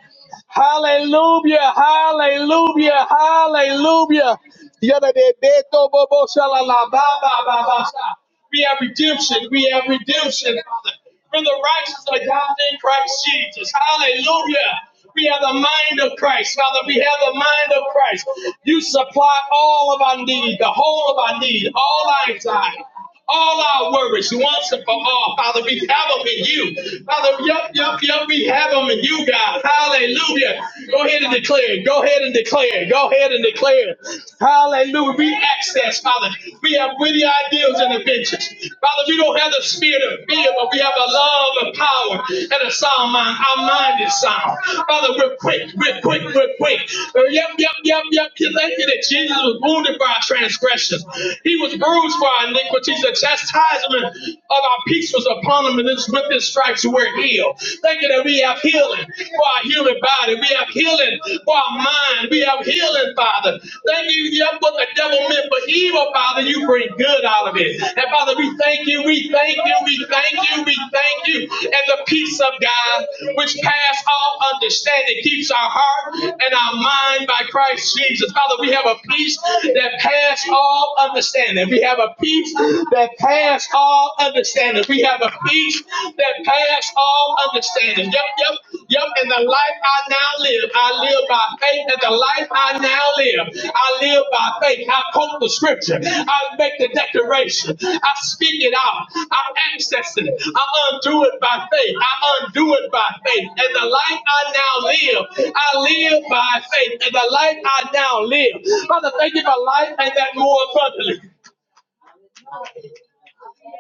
Hallelujah, hallelujah, hallelujah. Yadadedeto bobo shalala, ba, ba, ba, ba, sha. We have redemption, we have redemption, Father. We're the righteous of God in Christ Jesus. Hallelujah. We have the mind of Christ, Father. We have the mind of Christ. You supply all of our need, the whole of our need, all our anxiety all our worries once and for all. Father, we have them in you. Father, yup, yup, yup, we have them in you, God. Hallelujah. Go ahead and declare. it. Go ahead and declare. it. Go ahead and declare. it. Hallelujah. We access, Father. We have witty ideals and inventions. Father, we don't have the spirit of fear, but we have a love and power and a sound mind. Our mind is sound. Father, we're quick. We're quick. We're quick. Uh, Yep, yep, yep, yep. You Thank you that Jesus was wounded by our transgressions. He was bruised for our our iniquities. The chastisement of our peace was upon him, and it's with his stripes we're healed. Thank you that we have healing for our human body. We have healing for our mind. We have healing, Father. Thank you yeah, what the devil meant for evil, Father. You bring good out of it. And Father, we thank you, we thank you, we thank you, we thank you. And the peace of God, which pass all understanding, keeps our heart and our mind by Christ Jesus. Father, we have a peace that pass all understanding. We have have a peace that passes all understanding. We have a peace that passes all understanding. Yep, yep, yep. In the life I now live, I live by faith. In the life I now live, I live by faith. I quote the scripture. I make the declaration. I speak it out. I access it. I undo it by faith. I undo it by faith. And the life I now live, I live by faith. And the life I now live. Father, thank you for life and that more abundantly.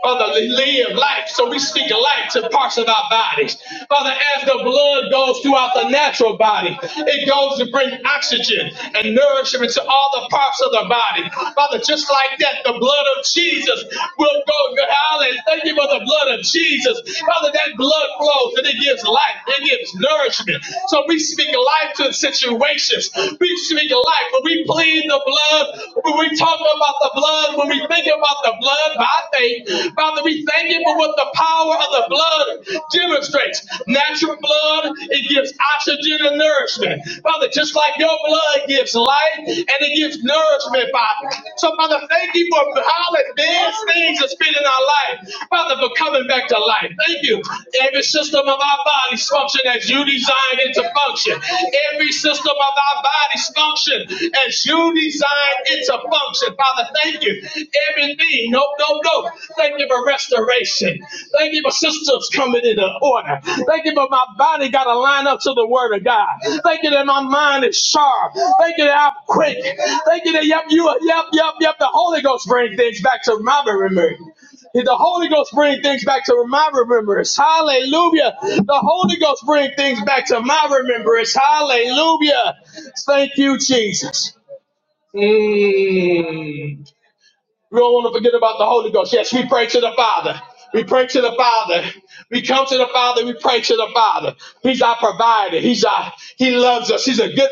Father, live life. So we speak life to parts of our bodies. Father, as the blood goes throughout the natural body, it goes to bring oxygen and nourishment to all the parts of the body. Father, just like that, the blood of Jesus will go. Hallelujah. Thank you for the blood of Jesus. Father, that blood flows and it gives life, it gives nourishment. So we speak life to situations. We speak life. When we plead the blood, when we talk about the blood, when we think thank you about the blood by faith. Father, we thank you for what the power of the blood demonstrates. Natural blood, it gives oxygen and nourishment. Father, just like your blood gives life and it gives nourishment, Father. So, Father, thank you for how that dead things has been in our life. Father, for coming back to life. Thank you. Every system of our bodies function as you designed it to function. Every system of our bodies function as you designed it to function function. Father, thank you. Every knee, no, no, no. Thank you for restoration. Thank you for systems coming into order. Thank you for my body got to line up to the word of God. Thank you that my mind is sharp. Thank you that I'm quick. Thank you that, yep, you, are- yep, yep, yep. The Holy Ghost bring things back to my memory. The Holy Ghost bring things back to my remembrance. Hallelujah. The Holy Ghost bring things back to my remembrance. Hallelujah. Thank you, Jesus. Mm. We don't want to forget about the Holy Ghost. Yes, we pray to the Father. We pray to the Father. We come to the Father. We pray to the Father. He's our provider. He's our. He loves us. He's a good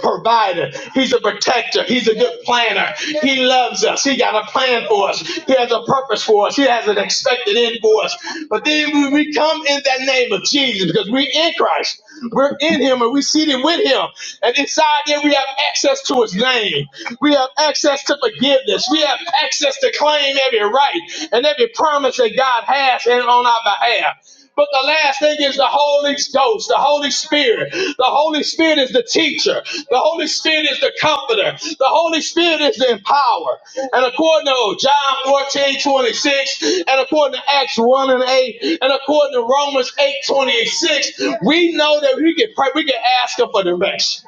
provider. He's a protector. He's a good planner. He loves us. He got a plan for us. He has a purpose for us. He has an expected end for us. But then we we come in that name of Jesus because we're in Christ. We're in him and we're seated with him. And inside there, we have access to his name. We have access to forgiveness. We have access to claim every right and every promise that God has in- on our behalf. But the last thing is the Holy Ghost, the Holy Spirit, the Holy Spirit is the teacher. The Holy Spirit is the comforter. The Holy Spirit is the empower. And according to John 14 26, and according to Acts 1 and 8, and according to Romans 8 26, we know that we can pray, we can ask him for direction.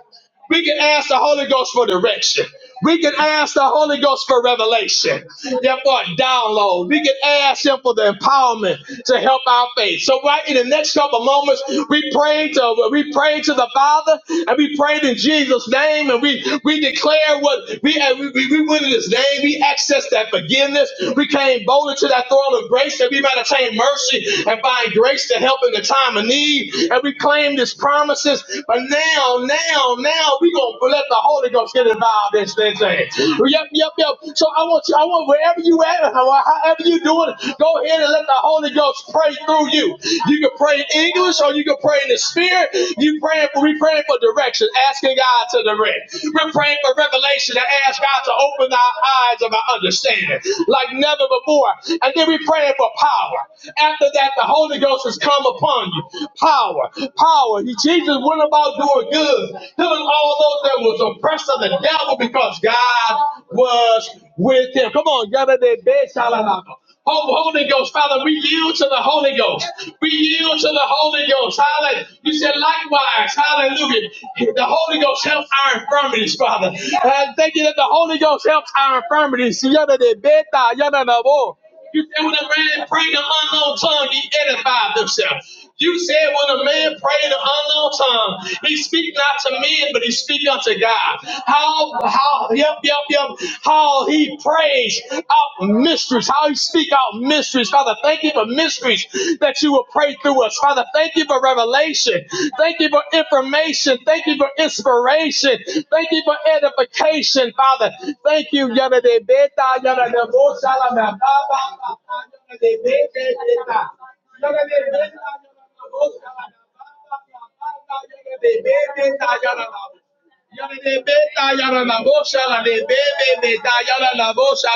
We can ask the Holy Ghost for direction. We can ask the Holy Ghost for revelation. Yeah, download. We can ask Him for the empowerment to help our faith. So right in the next couple of moments, we pray to we pray to the Father and we prayed in Jesus' name and we we declare what we and we, we, we went in His name. We accessed that forgiveness. We came boldly to that throne of grace that we might attain mercy and find grace to help in the time of need. And we claim this promise promises. But now, now, now we gonna let the Holy Ghost get involved in this thing. thing. Yep, yep, yep. So I want you, I want wherever you at, how- however you doing, go ahead and let the Holy Ghost pray through you. You can pray in English or you can pray in the spirit. You praying for we praying for direction, asking God to direct. We're praying for revelation and ask God to open our eyes of our understanding like never before. And then we're praying for power. After that, the Holy Ghost has come come upon you. Power, power. He- Jesus went about doing good, healing all those that was oppressed of the devil because God was with him. Come on, yada de be shalalaka. Oh, Holy Ghost, Father, we yield to the Holy Ghost. We yield to the Holy Ghost. Hallelujah. You said likewise. Hallelujah. The Holy Ghost helps our infirmities, Father. And thank you that the Holy Ghost helps our infirmities. Yada de beta, yada de bo. You said when a man prayed in unknown tongue, he edified himself. You said when a man prayed in an unknown tongue, he speak not to men, but he speak unto God. How how yep yep yep how he prays out mysteries, how he speak out mysteries. Father, thank you for mysteries that you will pray through us. Father, thank you for revelation. Thank you for information. Thank you for inspiration. Thank you for edification, Father. Thank you, Yahweh Yala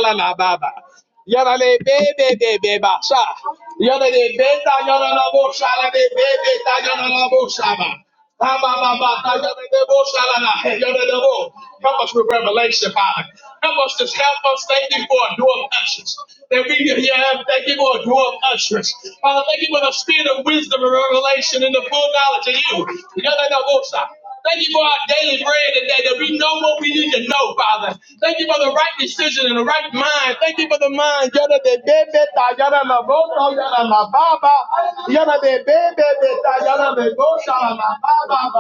la baba. Yarale bebe bebe basha. Yarale beta yarala bosha la de bebe ta yarala bosha ba. Ba ba ba ba ta yarale bosha la la. Yarale bo. Help us with revelation, Father. Help us to help us. Thank you for a door of usherance. That we can hear. Thank you for a door of usherance. Father, thank you for the spirit of wisdom and revelation and the full knowledge of you. Yarale bosha. Thank you for our daily bread today that we know what we need to know, Father. Thank you for the right decision and the right mind. Thank you for the mind. Yada de bebe ta yada la boto yada la baba. Yada de bebe de ta yada de bota la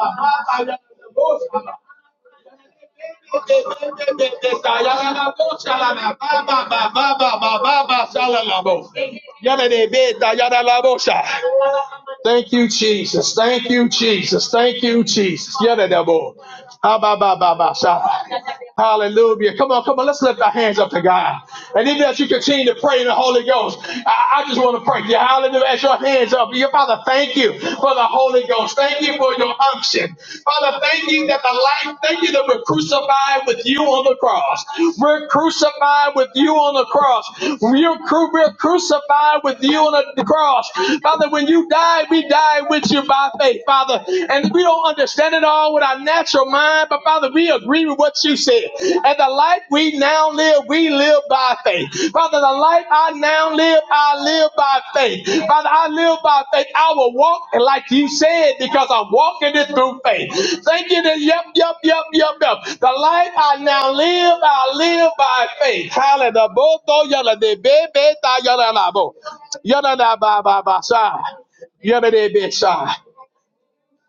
la baba baba yada de bota yada de bebe ta yada la bota. Thank you, Jesus. Thank you, Jesus. Thank you, Jesus. Yeah, that devil. Ah, bah, bah, bah, bah, sha. Hallelujah. Come on, come on. Let's lift our hands up to God. And even as you continue to pray in the Holy Ghost, I, I just want to pray. Yeah, hallelujah. As your hands up, your Father, thank you for the Holy Ghost. Thank you for your unction. Father, thank you that the life, thank you that that we're crucified with you on the cross. We're crucified with you on the cross. We're, cru- we're crucified with you on the cross. Father, when you died, we died with you by faith, Father. And we don't understand it all with our natural mind, but Father, we agree with what you said. And the life we now live, we live by faith. Father, the life I now live, I live by faith. Father, I live by faith. I will walk like you said because I'm walking it through faith. Thank you that, yep, yep, yep, yep, yep. The life I now live, I live by faith. Hallelujah. Boto yada de bebe ta yada la bo. Yada da ba ba ba sa. Yada de be sa.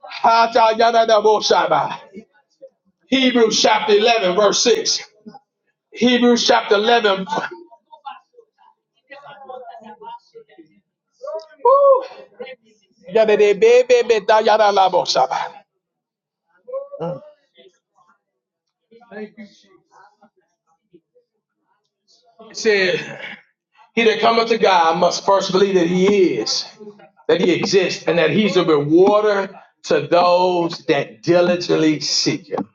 Ha ta yada da bo Hebrews chapter 11, verse 6. Hebrews chapter 11. Woo. It said, He that cometh to God must first believe that he is, that he exists, and that he's a rewarder to those that diligently seek him.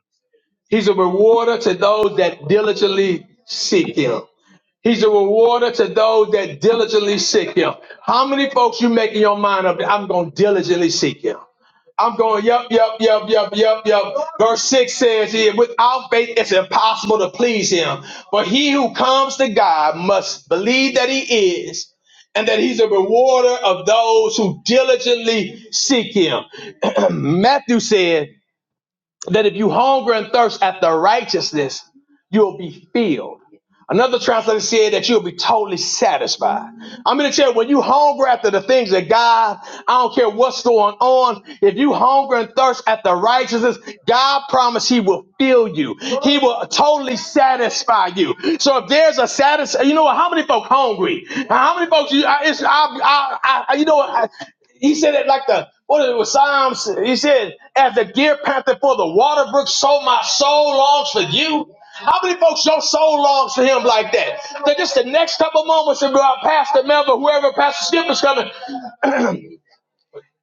He's a rewarder to those that diligently seek him. He's a rewarder to those that diligently seek him. How many folks you making your mind up? I'm going to diligently seek him. I'm going, yep, yep, yep, yep, yep, yep. Verse 6 says here, without faith it's impossible to please him. But he who comes to God must believe that he is and that he's a rewarder of those who diligently seek him. [CLEARS THROAT] Matthew said that if you hunger and thirst after righteousness, you'll be filled. Another translator said that you'll be totally satisfied. I'm going to tell you, when you hunger after the things of God, I don't care what's going on. If you hunger and thirst after righteousness, God promised He will fill you. He will totally satisfy you. So if there's a satisfy, you know what? How many folk hungry? How many folks? You, I, it's, I, I, I, you know what? I, he said it like the what it was Psalms. He said, "As the deer panted for the water brook, so my soul longs for you." How many folks your soul longs for him like that? That just the next couple moments about Pastor Melvin, whoever Pastor Skip is coming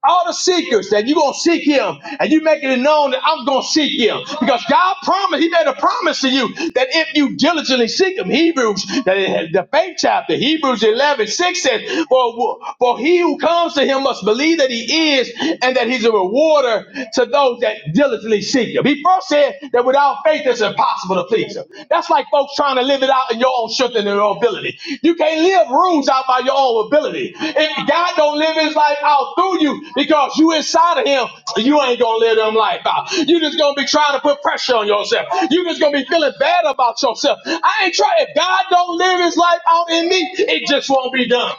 all the seekers that you're gonna seek him and you making it known that I'm gonna seek him because God promised he made a promise to you that if you diligently seek him Hebrews that the faith chapter Hebrews eleven six 6 says for, for he who comes to him must believe that he is and that he's a rewarder to those that diligently seek him he first said that without faith it's impossible to please him that's like folks trying to live it out in your your own strength and your own ability. You can't live rules out by your own ability. If God don't live his life out through you because you inside of him, you ain't gonna live them life out. You just gonna be trying to put pressure on yourself. You just gonna be feeling bad about yourself. I ain't trying. If God don't live his life out in me, it just won't be done.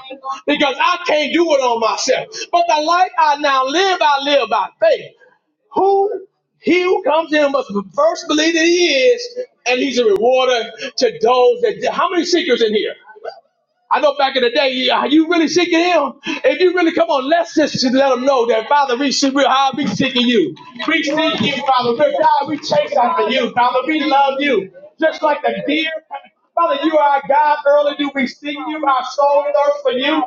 Because I can't do it on myself. But the life I now live, I live by faith. Who he who comes to him must first believe that he is, and he's a rewarder to those that. How many seekers in here? I know back in the day, yeah, you really seeking him. If you really come on, let's just let Him know that Father, we seek we how we seeking you. We seek you, Father. We're God, we chase after you, Father. We love you. Just like the deer. Father, you are our God. Early do we seek you. Our soul thirsts for you. Our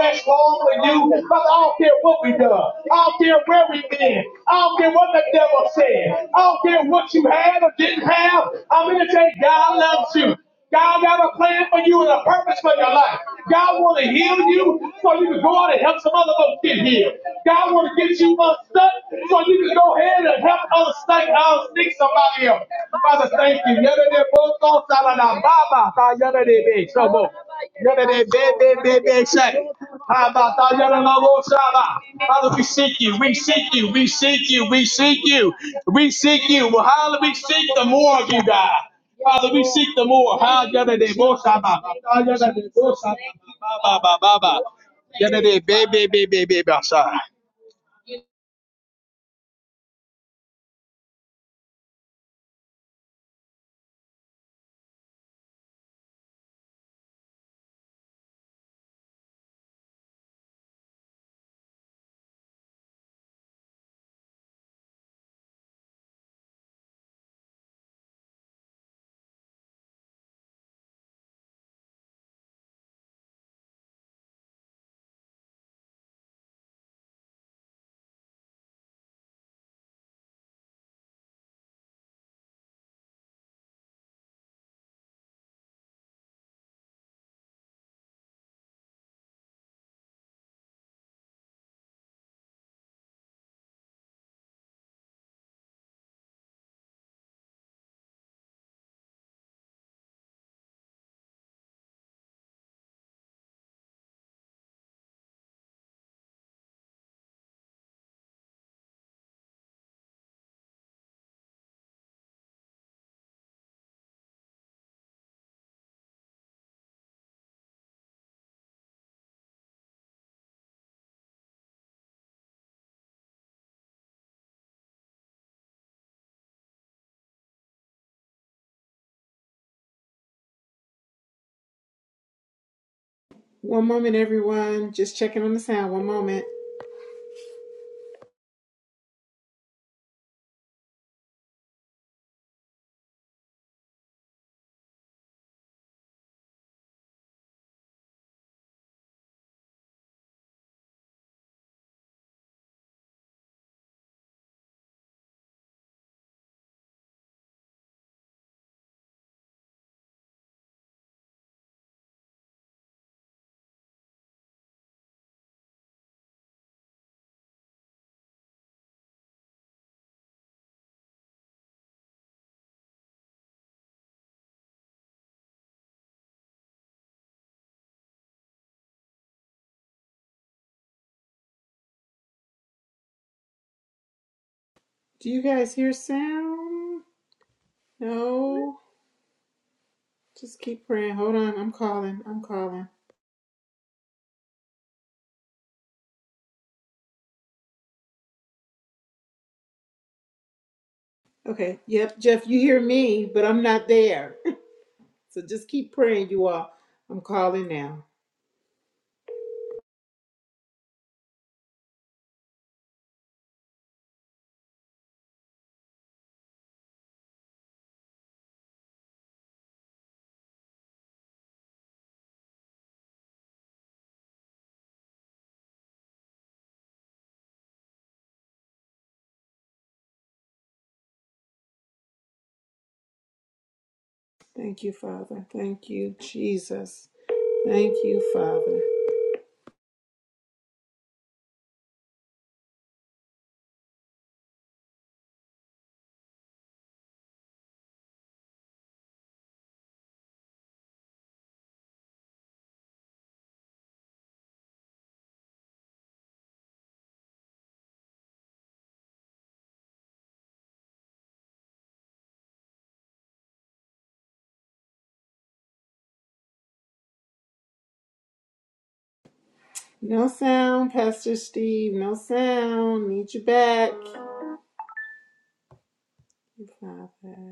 flesh long for you. Father, I don't care what we done. I don't care where we have been. I don't care what the devil said. I don't care what you had or didn't have. I'm going to say God loves you. God have a plan for you and a purpose for your life. God want to heal you so you can go out and help some other folks get healed. God want to get you unstuck so you can go ahead and help unstuck, unstick somebody else. Father, thank you. Yada de bo so sa yada de be so bo. Yada de be be be be shay. Ha ba ta yada la bo Father, we seek you, we seek you, we seek you, we seek you, we seek you. Well, how do we seek the more of you, God? Father, we seek the more. Ha, yada de One moment, everyone. Just checking on the sound. One moment. Do you guys hear sound? No. Just keep praying. Hold on. I'm calling. I'm calling. Okay. Yep, Jeff, you hear me, but I'm not there. [LAUGHS] so just keep praying, you all. I'm calling now. Thank you, Father. Thank you, Jesus. Thank you, Father. No sound, Pastor Steve. No sound. Need you back. Thank you, Father.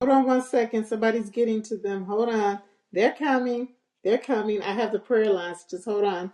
Hold on one second. Somebody's getting to them. Hold on. They're coming. They're coming. I have the prayer lines. Just hold on.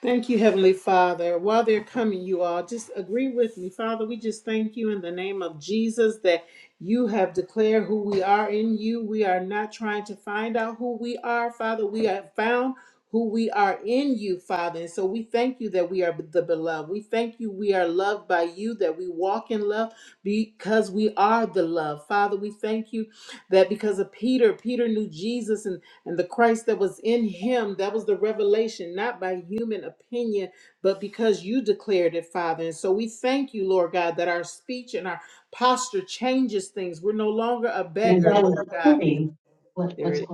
Thank you, Heavenly Father. While they're coming, you all just agree with me. Father, we just thank you in the name of Jesus that you have declared who we are in you. We are not trying to find out who we are, Father. We have found who we are in you, Father. And so we thank you that we are the beloved. We thank you we are loved by you, that we walk in love because we are the love. Father, we thank you that because of Peter, Peter knew Jesus and and the Christ that was in him, that was the revelation, not by human opinion, but because you declared it, Father. And so we thank you, Lord God, that our speech and our posture changes things. We're no longer a beggar, Lord God. There it is.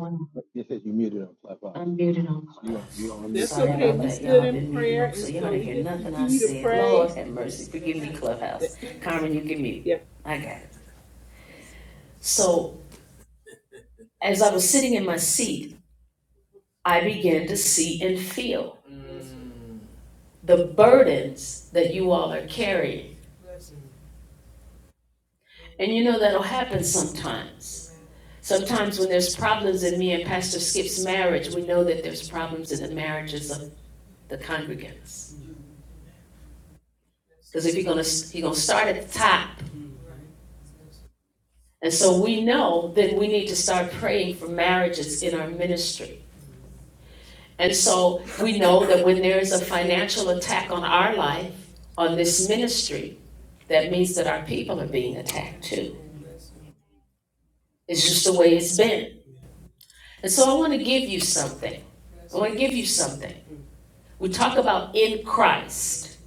That's Sorry okay. about We that, y'all. stood I've in been muted prayer, on, so and y'all so didn't we hear just nothing I continue to said. pray. Lord have mercy. Forgive me, Clubhouse. Carmen, you can mute. I got it. So, as I was sitting in my seat, I began to see and feel the burdens that you all are carrying. And you know that'll happen sometimes. Sometimes when there's problems in me and Pastor Skip's marriage, we know that there's problems in the marriages of the congregants. Because if you're gonna you're gonna start at the top. And so we know that we need to start praying for marriages in our ministry. And so we know that when there is a financial attack on our life, on this ministry, that means that our people are being attacked too. It's just the way it's been. And so I want to give you something. I want to give you something. We talk about in Christ.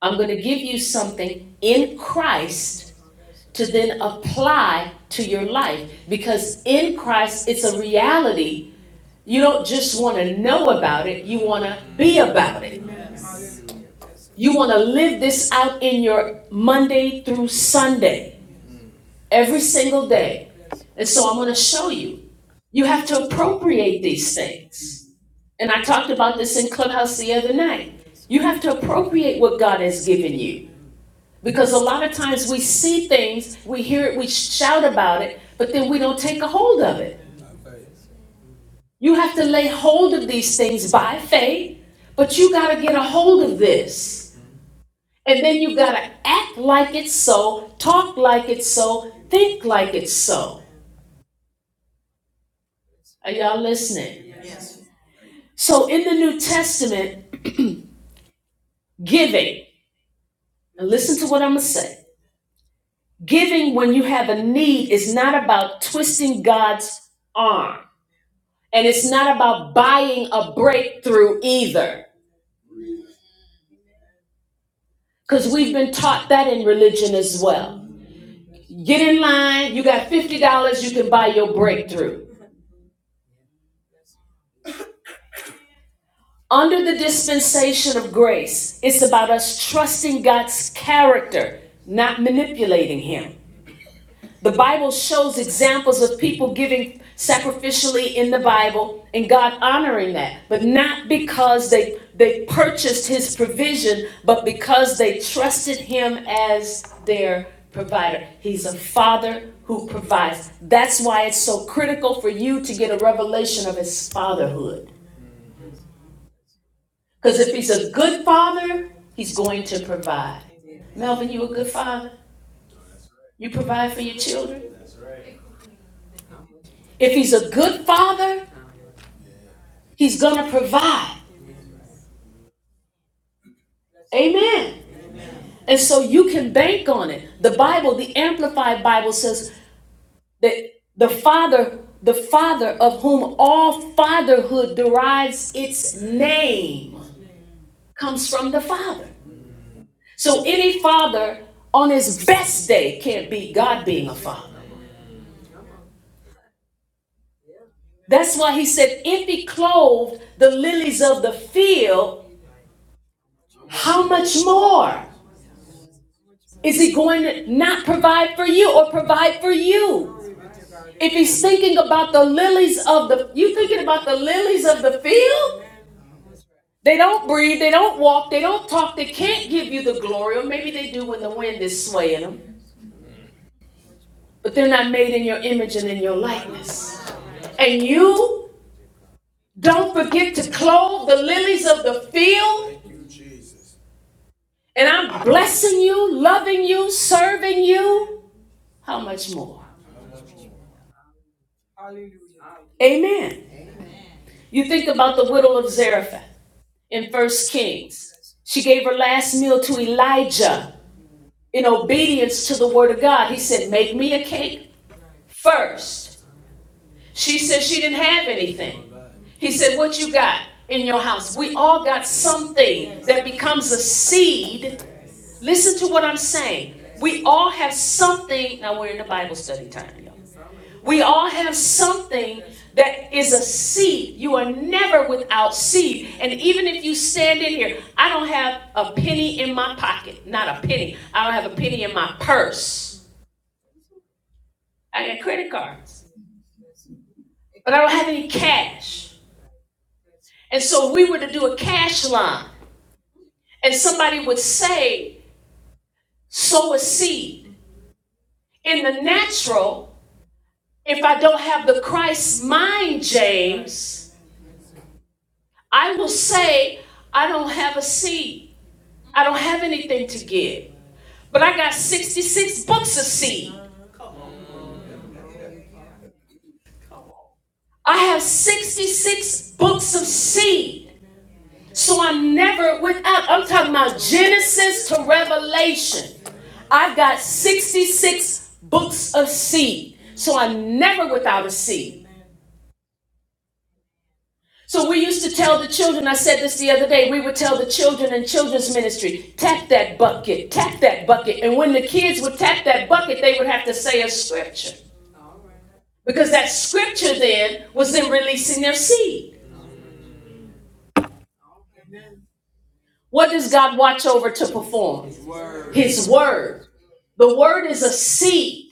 I'm going to give you something in Christ to then apply to your life because in Christ, it's a reality. You don't just want to know about it, you want to be about it. You want to live this out in your Monday through Sunday, every single day. And so I'm going to show you. You have to appropriate these things. And I talked about this in Clubhouse the other night. You have to appropriate what God has given you. Because a lot of times we see things, we hear it, we shout about it, but then we don't take a hold of it. You have to lay hold of these things by faith, but you got to get a hold of this. And then you gotta act like it's so, talk like it's so, think like it's so. Are y'all listening? So in the New Testament, giving, and listen to what I'm gonna say. Giving when you have a need is not about twisting God's arm. And it's not about buying a breakthrough either. Because we've been taught that in religion as well. Get in line, you got $50, you can buy your breakthrough. Under the dispensation of grace, it's about us trusting God's character, not manipulating Him. The Bible shows examples of people giving sacrificially in the Bible and God honoring that, but not because they, they purchased His provision, but because they trusted Him as their provider. He's a father who provides. That's why it's so critical for you to get a revelation of His fatherhood. Because if he's a good father, he's going to provide. Melvin, you a good father? You provide for your children? If he's a good father, he's going to provide. Amen. And so you can bank on it. The Bible, the Amplified Bible says that the father, the father of whom all fatherhood derives its name, comes from the father. So any father on his best day can't be God being a father. That's why he said, if he clothed the lilies of the field, how much more is he going to not provide for you or provide for you? If he's thinking about the lilies of the, you thinking about the lilies of the field? They don't breathe, they don't walk, they don't talk, they can't give you the glory, or maybe they do when the wind is swaying them, but they're not made in your image and in your likeness. And you don't forget to clothe the lilies of the field and I'm blessing you, loving you, serving you, how much more? Amen. You think about the widow of Zarephath in First Kings. She gave her last meal to Elijah in obedience to the word of God. He said, Make me a cake first She said she didn't have anything. He said, What you got in your house? We all got something that becomes a seed. Listen to what I'm saying. We all have something. Now we're in the Bible study time, y'all. We all have something that is a seed. You are never without seed. And even if you stand in here, I don't have a penny in my pocket. Not a penny. I don't have a penny in my purse. I got credit cards, but I don't have any cash. And so we were to do a cash line and somebody would say, sow a seed. In the natural, if I don't have the Christ mind, James, I will say, I don't have a seed. I don't have anything to give. But I got 66 books of seed. I have 66 books of seed. So I'm never without, I'm talking about Genesis to Revelation. I've got 66 books of seed. So I'm never without a seed. So we used to tell the children, I said this the other day, we would tell the children in children's ministry, tap that bucket, tap that bucket. And when the kids would tap that bucket, they would have to say a scripture. Because that scripture then was them releasing their seed. What does God watch over to perform? His word. His word. The word is a seed,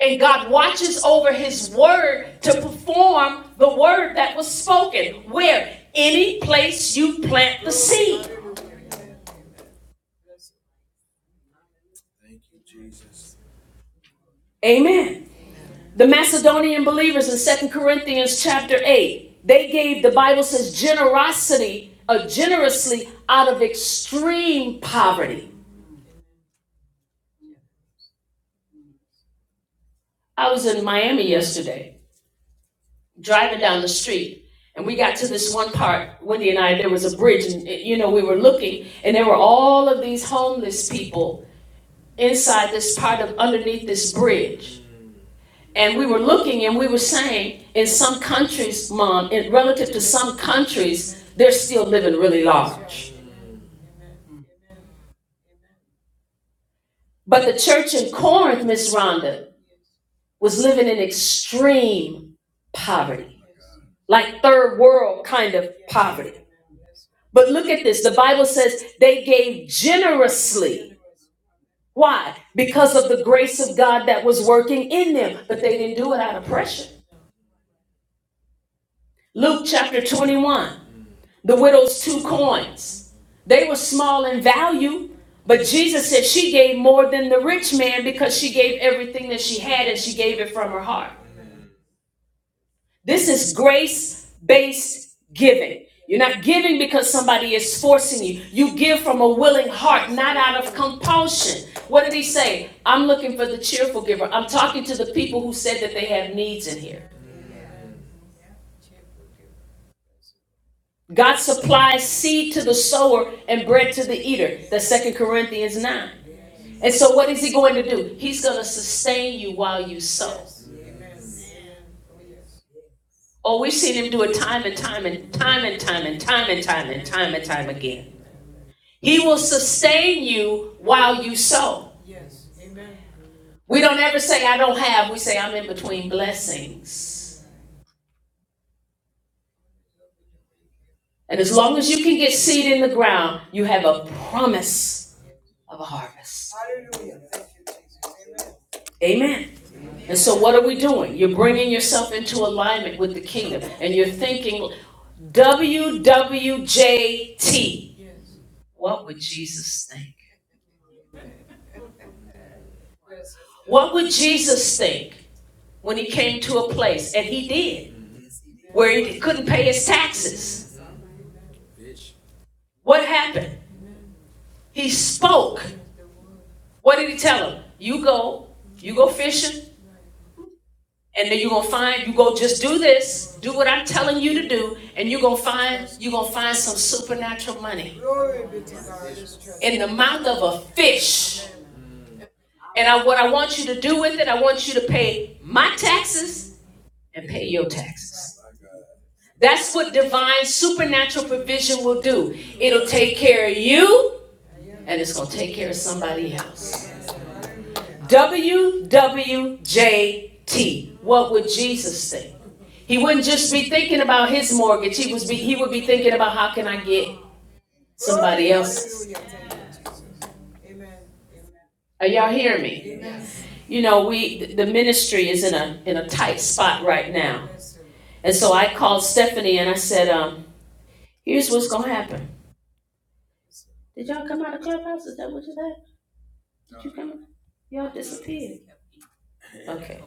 and God watches over his word to perform the word that was spoken. Where? Any place you plant the seed. Amen. The Macedonian believers in Second Corinthians chapter 8, they gave, the Bible says, generosity, uh, generously out of extreme poverty. I was in Miami yesterday driving down the street and we got to this one part wendy and i there was a bridge and you know we were looking and there were all of these homeless people inside this part of underneath this bridge and we were looking and we were saying in some countries mom in relative to some countries they're still living really large but the church in corinth miss rhonda was living in extreme poverty like third world kind of poverty But look at this. The Bible says they gave generously. Why? Because of the grace of God that was working in them, but they didn't do it out of pressure. Luke chapter 21, the widow's two coins. They were small in value, but Jesus said she gave more than the rich man because she gave everything that she had and she gave it from her heart. This is grace based giving. You're not giving because somebody is forcing you. You give from a willing heart, not out of compulsion. What did he say? I'm looking for the cheerful giver. I'm talking to the people who said that they have needs in here. God supplies seed to the sower and bread to the eater. That's Second Corinthians 9. And so, what is he going to do? He's going to sustain you while you sow. Oh, we've seen him do it time and time and time and time and time and time and time and time again. He will sustain you while you sow. We don't ever say, I don't have. We say, I'm in between blessings. And as long as you can get seed in the ground, you have a promise of a harvest. Amen. And so, what are we doing? You're bringing yourself into alignment with the kingdom and you're thinking, WWJT. What would Jesus think? What would Jesus think when he came to a place, and he did, where he couldn't pay his taxes? What happened? He spoke. What did he tell him? You go, you go fishing, and then you're gonna find, you go just do this, do what I'm telling you to do, and you're gonna find, you're gonna find some supernatural money in the mouth of a fish. And I, what I want you to do with it, I want you to pay my taxes and pay your taxes. That's what divine supernatural provision will do. It'll take care of you, and it's gonna take care of somebody else. WWJT. What would Jesus think? He wouldn't just be thinking about his mortgage. He was be, he would be thinking about how can I get somebody else's. Are y'all hearing me? You know, we the ministry is in a in a tight spot right now. And so I called Stephanie and I said, um, here's what's gonna happen. Did y'all come out of clubhouse? Is that what you said? Did you come? out? Y'all disappeared. Okay.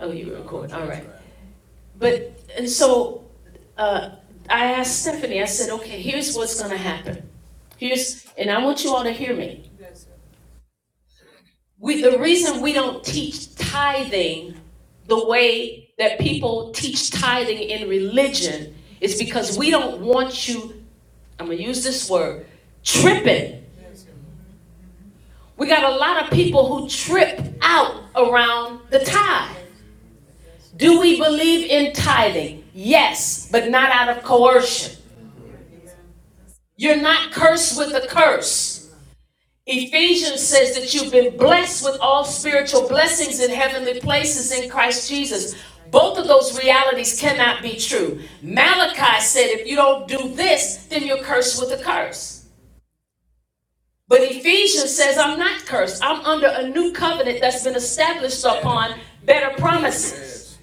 Oh, you were recording. All right. But, and so, uh, I asked Stephanie, I said, okay, here's what's gonna happen. Here's, and I want you all to hear me. We, the reason we don't teach tithing the way that people teach tithing in religion is because we don't want you, I'm gonna use this word, tripping. We got a lot of people who trip out around the tithe. Do we believe in tithing? Yes, but not out of coercion. You're not cursed with a curse. Ephesians says that you've been blessed with all spiritual blessings in heavenly places in Christ Jesus. Both of those realities cannot be true. Malachi said, if you don't do this, then you're cursed with a curse. But Ephesians says, I'm not cursed. I'm under a new covenant that's been established upon better promises.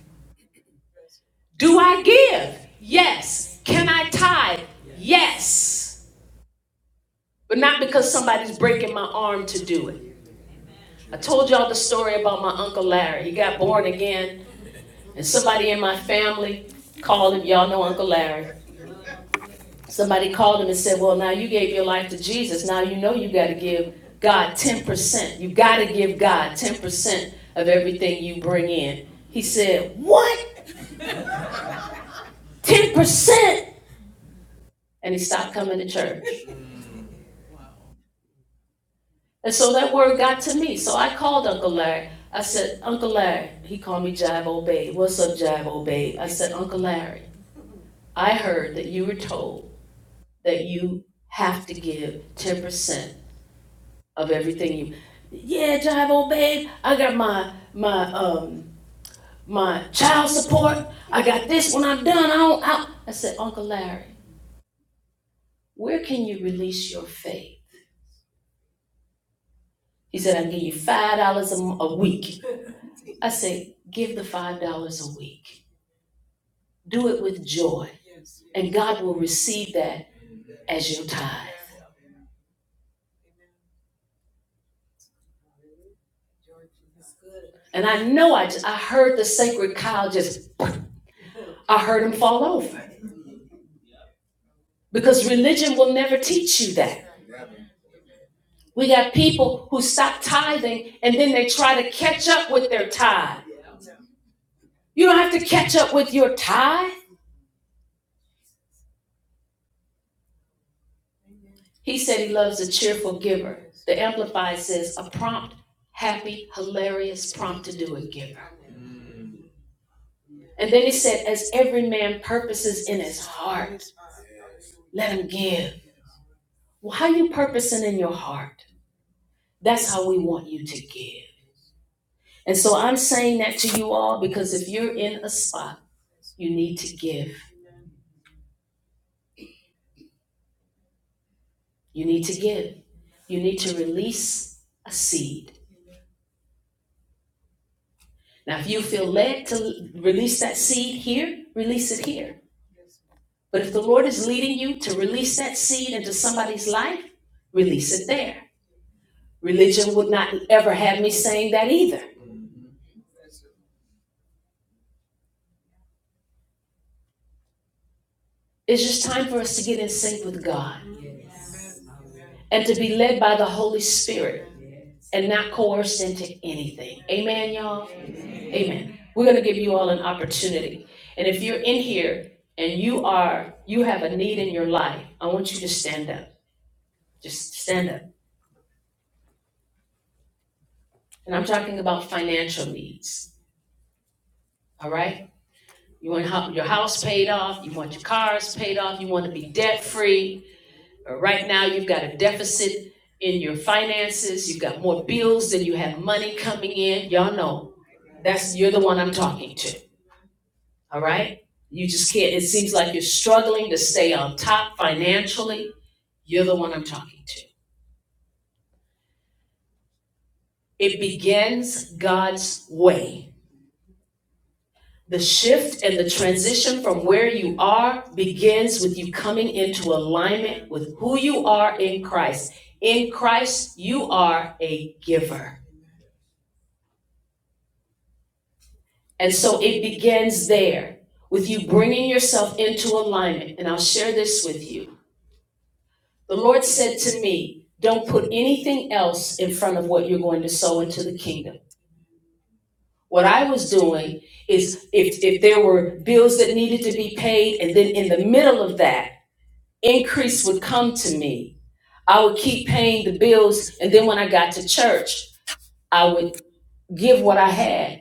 Do I give? Yes. Can I tithe? Yes. But not because somebody's breaking my arm to do it. I told y'all the story about my Uncle Larry. He got born again, and somebody in my family called him. Y'all know Uncle Larry. Somebody called him and said, Well, now you gave your life to Jesus. Now you know you got to give God 10%. You got to give God 10% of everything you bring in. He said, What? 10%? And he stopped coming to church. And so that word got to me. So I called Uncle Larry. I said, Uncle Larry. He called me Jive Old Babe. What's up, Jive Old Babe? I said, Uncle Larry. I heard that you were told that you have to give ten percent of everything you. Yeah, Jive, old babe, I got my my um my child support. I got this when I'm done. I don't. I, I said, Uncle Larry, where can you release your faith? He said, I can give you five dollars a a week. I said, give the five dollars a week. Do it with joy, and God will receive that as your tithe. And I know I just, I heard the sacred cow just, I heard him fall over because religion will never teach you that. We got people who stop tithing and then they try to catch up with their tithe. You don't have to catch up with your tithe. He said he loves a cheerful giver. The Amplified says a prompt, happy, hilarious, prompt to do it giver. And then he said, as every man purposes in his heart, let him give. Well, how are you purposing in your heart? That's how we want you to give. And so I'm saying that to you all because if you're in a spot, you need to give. You need to give. You need to release a seed. Now, if you feel led to release that seed here, release it here. But if the Lord is leading you to release that seed into somebody's life, release it there. Religion would not ever have me saying that either. It's just time for us to get in sync with God and to be led by the Holy Spirit and not coerced into anything. Amen, y'all? Amen. Amen. We're going to give you all an opportunity. And if you're in here and you are, you have a need in your life, I want you to stand up. Just stand up. And I'm talking about financial needs. All right? You want your house paid off. You want your cars paid off. You want to be debt free. Right now, you've got a deficit in your finances. You've got more bills than you have money coming in. Y'all know that's you're the one I'm talking to. all right? You just can't, it seems like you're struggling to stay on top financially. You're the one I'm talking to. It begins God's way. The shift and the transition from where you are begins with you coming into alignment with who you are in Christ. In Christ, you are a giver. And so it begins there with you bringing yourself into alignment. And I'll share this with you. The Lord said to me, Don't put anything else in front of what you're going to sow into the kingdom. What I was doing is if, if there were bills that needed to be paid, and then in the middle of that, increase would come to me, I would keep paying the bills. And then when I got to church, I would give what I had.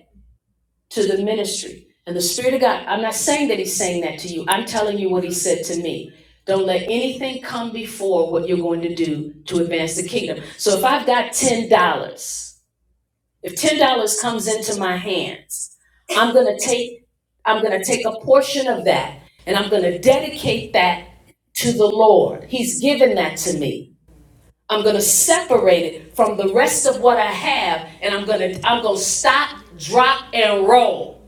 to the ministry. And the Spirit of God, I'm not saying that He's saying that to you. I'm telling you what He said to me. Don't let anything come before what you're going to do to advance the kingdom. So if I've got $10, if $10 comes into my hands, I'm going to take I'm going to take a portion of that and I'm going to dedicate that to the Lord. He's given that to me. I'm going to separate it from the rest of what I have and I'm going to I'm going to stop, drop and roll.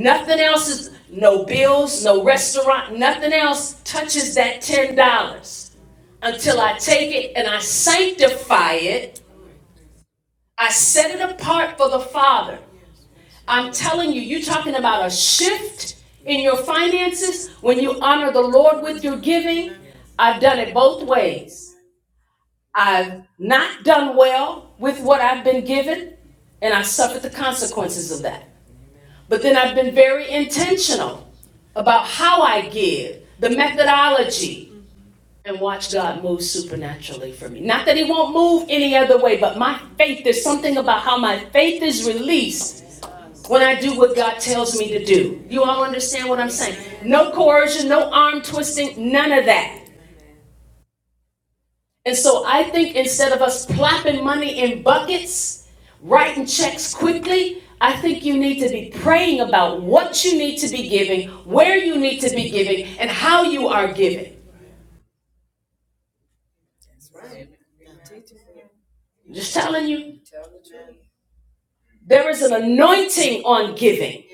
Nothing else is, no bills, no restaurant, nothing else touches that $10 until I take it and I sanctify it. I set it apart for the Father. I'm telling you, you're talking about a shift in your finances when you honor the Lord with your giving. I've done it both ways. I've not done well with what I've been given, and I suffered the consequences of that. But then I've been very intentional about how I give, the methodology, and watch God move supernaturally for me. Not that He won't move any other way, but my faith, there's something about how my faith is released when I do what God tells me to do. You all understand what I'm saying? No coercion, no arm twisting, none of that. And so I think instead of us plopping money in buckets, writing checks quickly, I think you need to be praying about what you need to be giving, where you need to be giving, and how you are giving. I'm just telling you, there is an anointing on giving.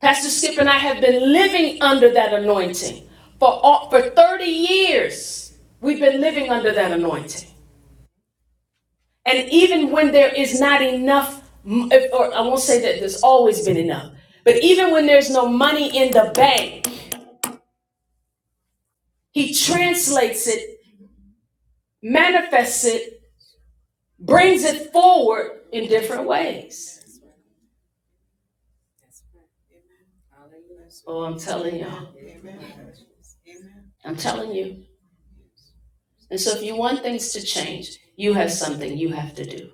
Pastor Skip and I have been living under that anointing for all, for 30 years. We've been living under that anointing. And even when there is not enough, or I won't say that there's always been enough, but even when there's no money in the bank, he translates it, manifests it, brings it forward in different ways. Oh, I'm telling y'all. I'm telling you. And so if you want things to change, you have something you have to do.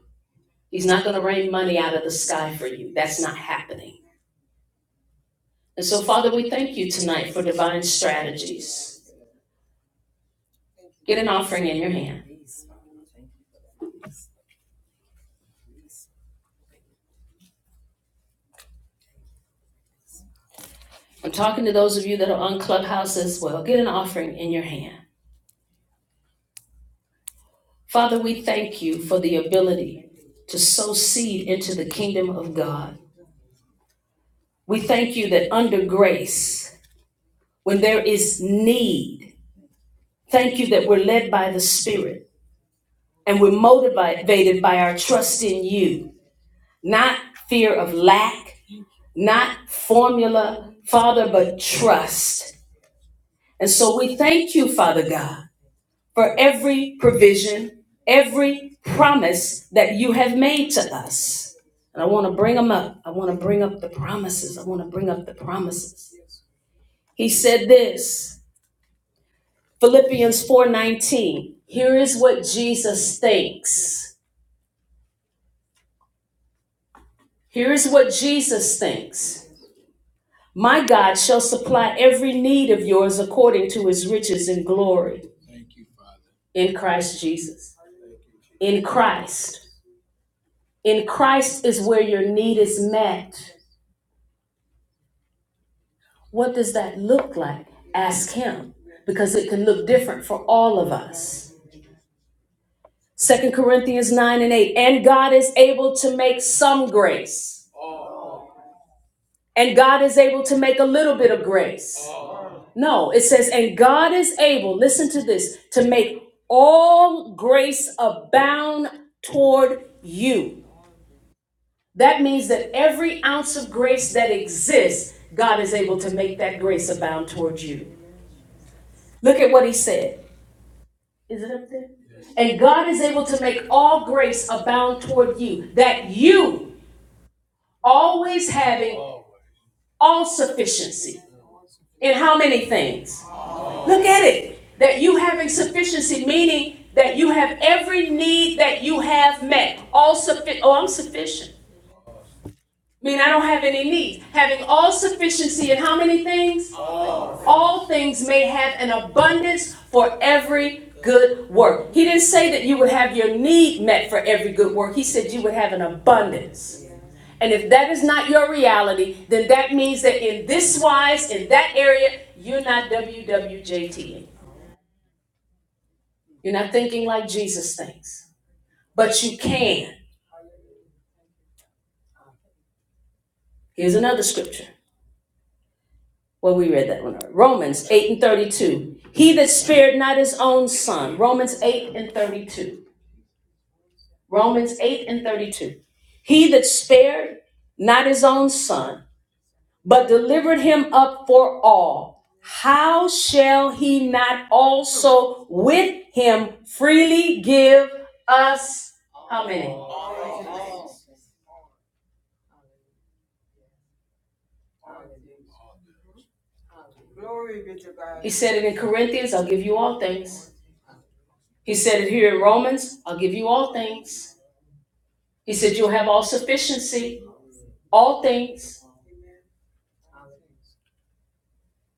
He's not going to rain money out of the sky for you. That's not happening. And so, Father, we thank you tonight for divine strategies. Get an offering in your hand. I'm talking to those of you that are on Clubhouse as well. Get an offering in your hand. Father, we thank you for the ability to sow seed into the kingdom of God. We thank you that under grace, when there is need, thank you that we're led by the Spirit and we're motivated by our trust in you, not fear of lack, not formula, Father, but trust. And so we thank you, Father God for every provision, every promise that you have made to us. And I want to bring them up. I want to bring up the promises. I want to bring up the promises. He said this, Philippians 4:19. Here is what Jesus thinks. Here is what Jesus thinks. My God shall supply every need of yours according to his riches and glory in Christ Jesus. In Christ. In Christ is where your need is met. What does that look like? Ask him because it can look different for all of us. Second Corinthians 9 and 8. And God is able to make some grace. And God is able to make a little bit of grace. No, it says, and God is able, listen to this, to make all grace abound toward you. That means that every ounce of grace that exists, God is able to make that grace abound toward you. Look at what he said. Is it up there? Yes. And God is able to make all grace abound toward you, that you always having All sufficiency in how many things? right. Look at it. That you having sufficiency, meaning that you have every need that you have met. All sufficient. Oh, I'm sufficient mean I don't have any needs. Having all sufficiency in how many things? All All things may have an abundance for every good work. He didn't say that you would have your need met for every good work. He said you would have an abundance. And if that is not your reality, then that means that in this wise, in that area, you're not WWJT. You're not thinking like Jesus thinks. But you can. Here's another scripture Well, we read that one. Romans 8 and 32. He that spared not his own son. Romans 8 and 32. Romans 8 and 32. He that spared not his own son, but delivered him up for all, how shall he not also with him freely give us how many? He said it in Corinthians, I'll give you all things. He said it here in Romans, I'll give you all things. He said, You'll have all sufficiency, all things.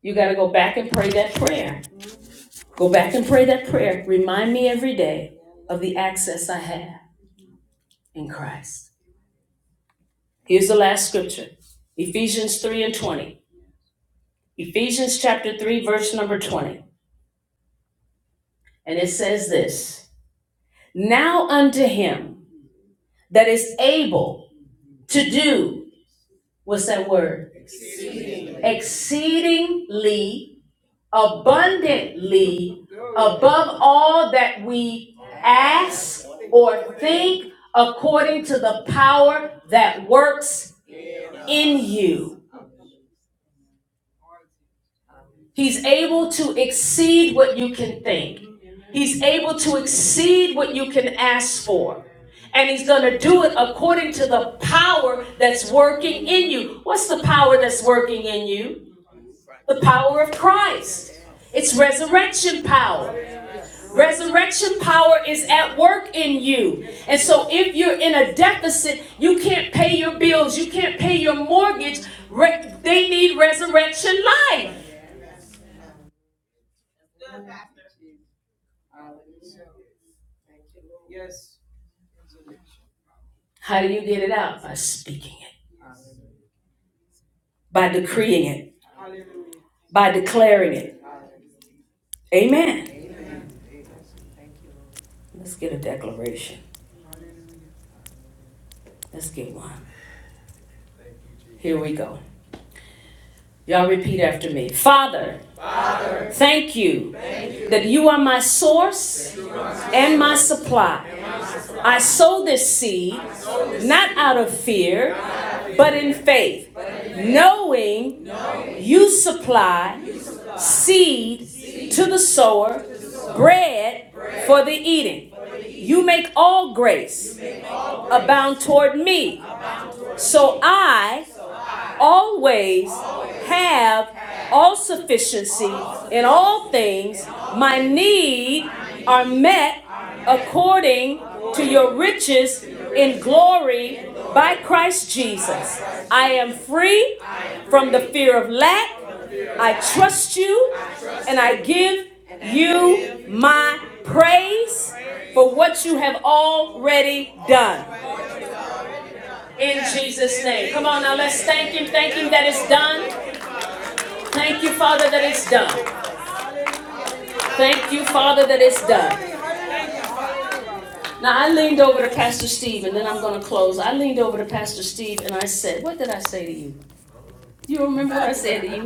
You got to go back and pray that prayer. Go back and pray that prayer. Remind me every day of the access I have in Christ. Here's the last scripture Ephesians 3 and 20. Ephesians chapter 3, verse number 20. And it says this Now unto him that is able to do, what's that word? Exceedingly abundantly above all that we ask or think according to the power that works in you. He's able to exceed what you can think. He's able to exceed what you can ask for. And he's going to do it according to the power that's working in you. What's the power that's working in you? The power of Christ. It's resurrection power. Resurrection power is at work in you. And so if you're in a deficit, you can't pay your bills, you can't pay your mortgage. Re- they need resurrection life. How do you get it out? By speaking it, by decreeing it, by declaring it. Amen. Let's get a declaration. Let's get one. Here we go. Y'all repeat after me. Father, thank you that you are my source and my supply. I sow this seed not out of fear, but in faith, knowing you supply seed to the sower, bread for the eating. You make all grace abound toward me, so I always have all sufficiency in all things. My need are met according to your riches in glory by Christ Jesus. I am free from the fear of lack. I trust you and I give you my praise for what you have already done. In Jesus' name. Come on now, let's thank Him. Thank Him that it's done. Thank you, Father, that it's done. Thank you, Father, that it's done. Now, I leaned over to Pastor Steve, and then I'm going to close. I leaned over to Pastor Steve and I said, What did I say to you? You remember what I said to you?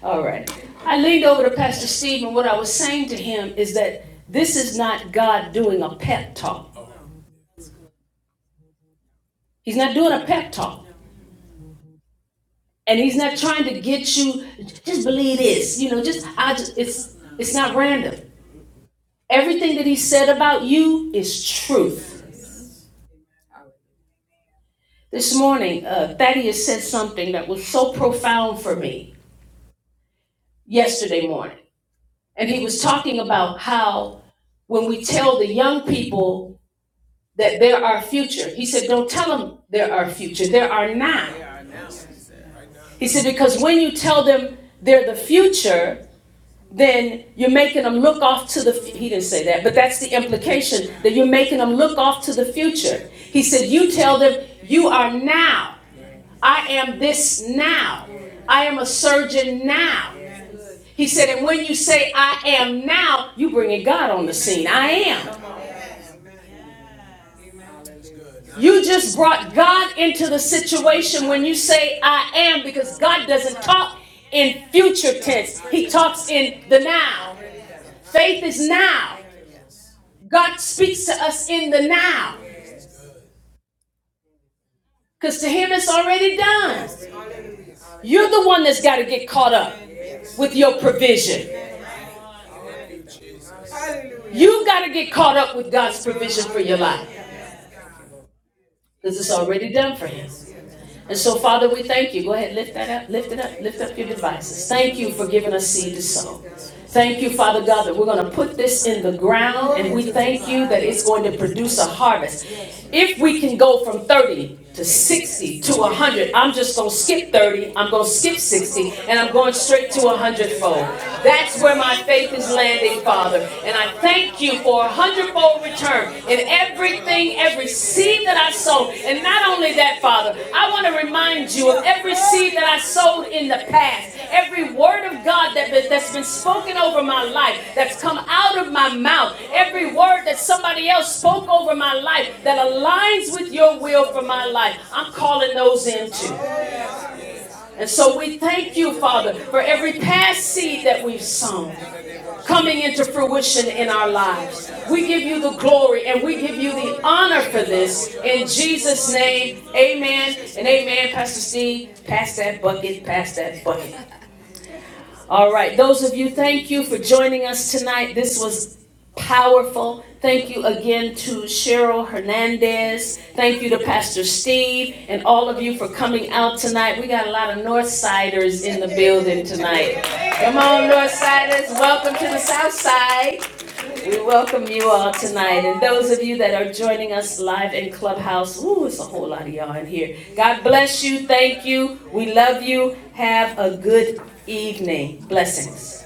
All right. I leaned over to Pastor Steve, and what I was saying to him is that this is not God doing a pep talk. He's not doing a pep talk. And he's not trying to get you, just believe this, you know, just, I just, it's, it's not random. Everything that he said about you is truth. This morning, uh, Thaddeus said something that was so profound for me yesterday morning. And he was talking about how when we tell the young people that they're our future, he said, don't tell them they're our future. They're our now. He said, because when you tell them they're the future, then you're making them look off to the, he didn't say that, but that's the implication, that you're making them look off to the future. He said, you tell them, you are now. I am this now. I am a surgeon now. He said, and when you say I am now, you bringing God on the scene. I am. You just brought God into the situation when you say I am because God doesn't talk in future tense. He talks in the now. Faith is now. God speaks to us in the now because to him it's already done. You're the one that's got to get caught up with your provision. You've got to get caught up with God's provision for your life because it's already done for him. And so, Father, we thank you. Go ahead, lift that up, lift it up, lift up your devices. Thank you for giving us seed to sow. Thank you, Father God, that we're going to put this in the ground and we thank you that it's going to produce a harvest. If we can go from 30 to 60 to 100, I'm just going to skip 30, I'm going to skip 60, and I'm going straight to 100 fold. That's where my faith is landing, Father. And and I thank you for a hundredfold return in everything, every seed that I sowed. And not only that, Father, I want to remind you of every seed that I sowed in the past, every word of God that, that's been spoken over my life, that's come out of my mouth, every word that somebody else spoke over my life that aligns with your will for my life. I'm calling those in too. And so we thank you, Father, for every past seed that we've sown coming into fruition in our lives. We give you the glory and we give you the honor for this. In Jesus' name, amen and amen. Pastor Steve, pass that bucket, pass that bucket. All right, those of you, thank you for joining us tonight. This was powerful. Thank you again to Cheryl Hernandez. Thank you to Pastor Steve and all of you for coming out tonight. We got a lot of North Siders in the building tonight. Come on, North Siders, welcome to the South Side. We welcome you all tonight, and those of you that are joining us live in Clubhouse. Ooh, it's a whole lot of y'all in here. God bless you. Thank you. We love you. Have a good evening. Blessings.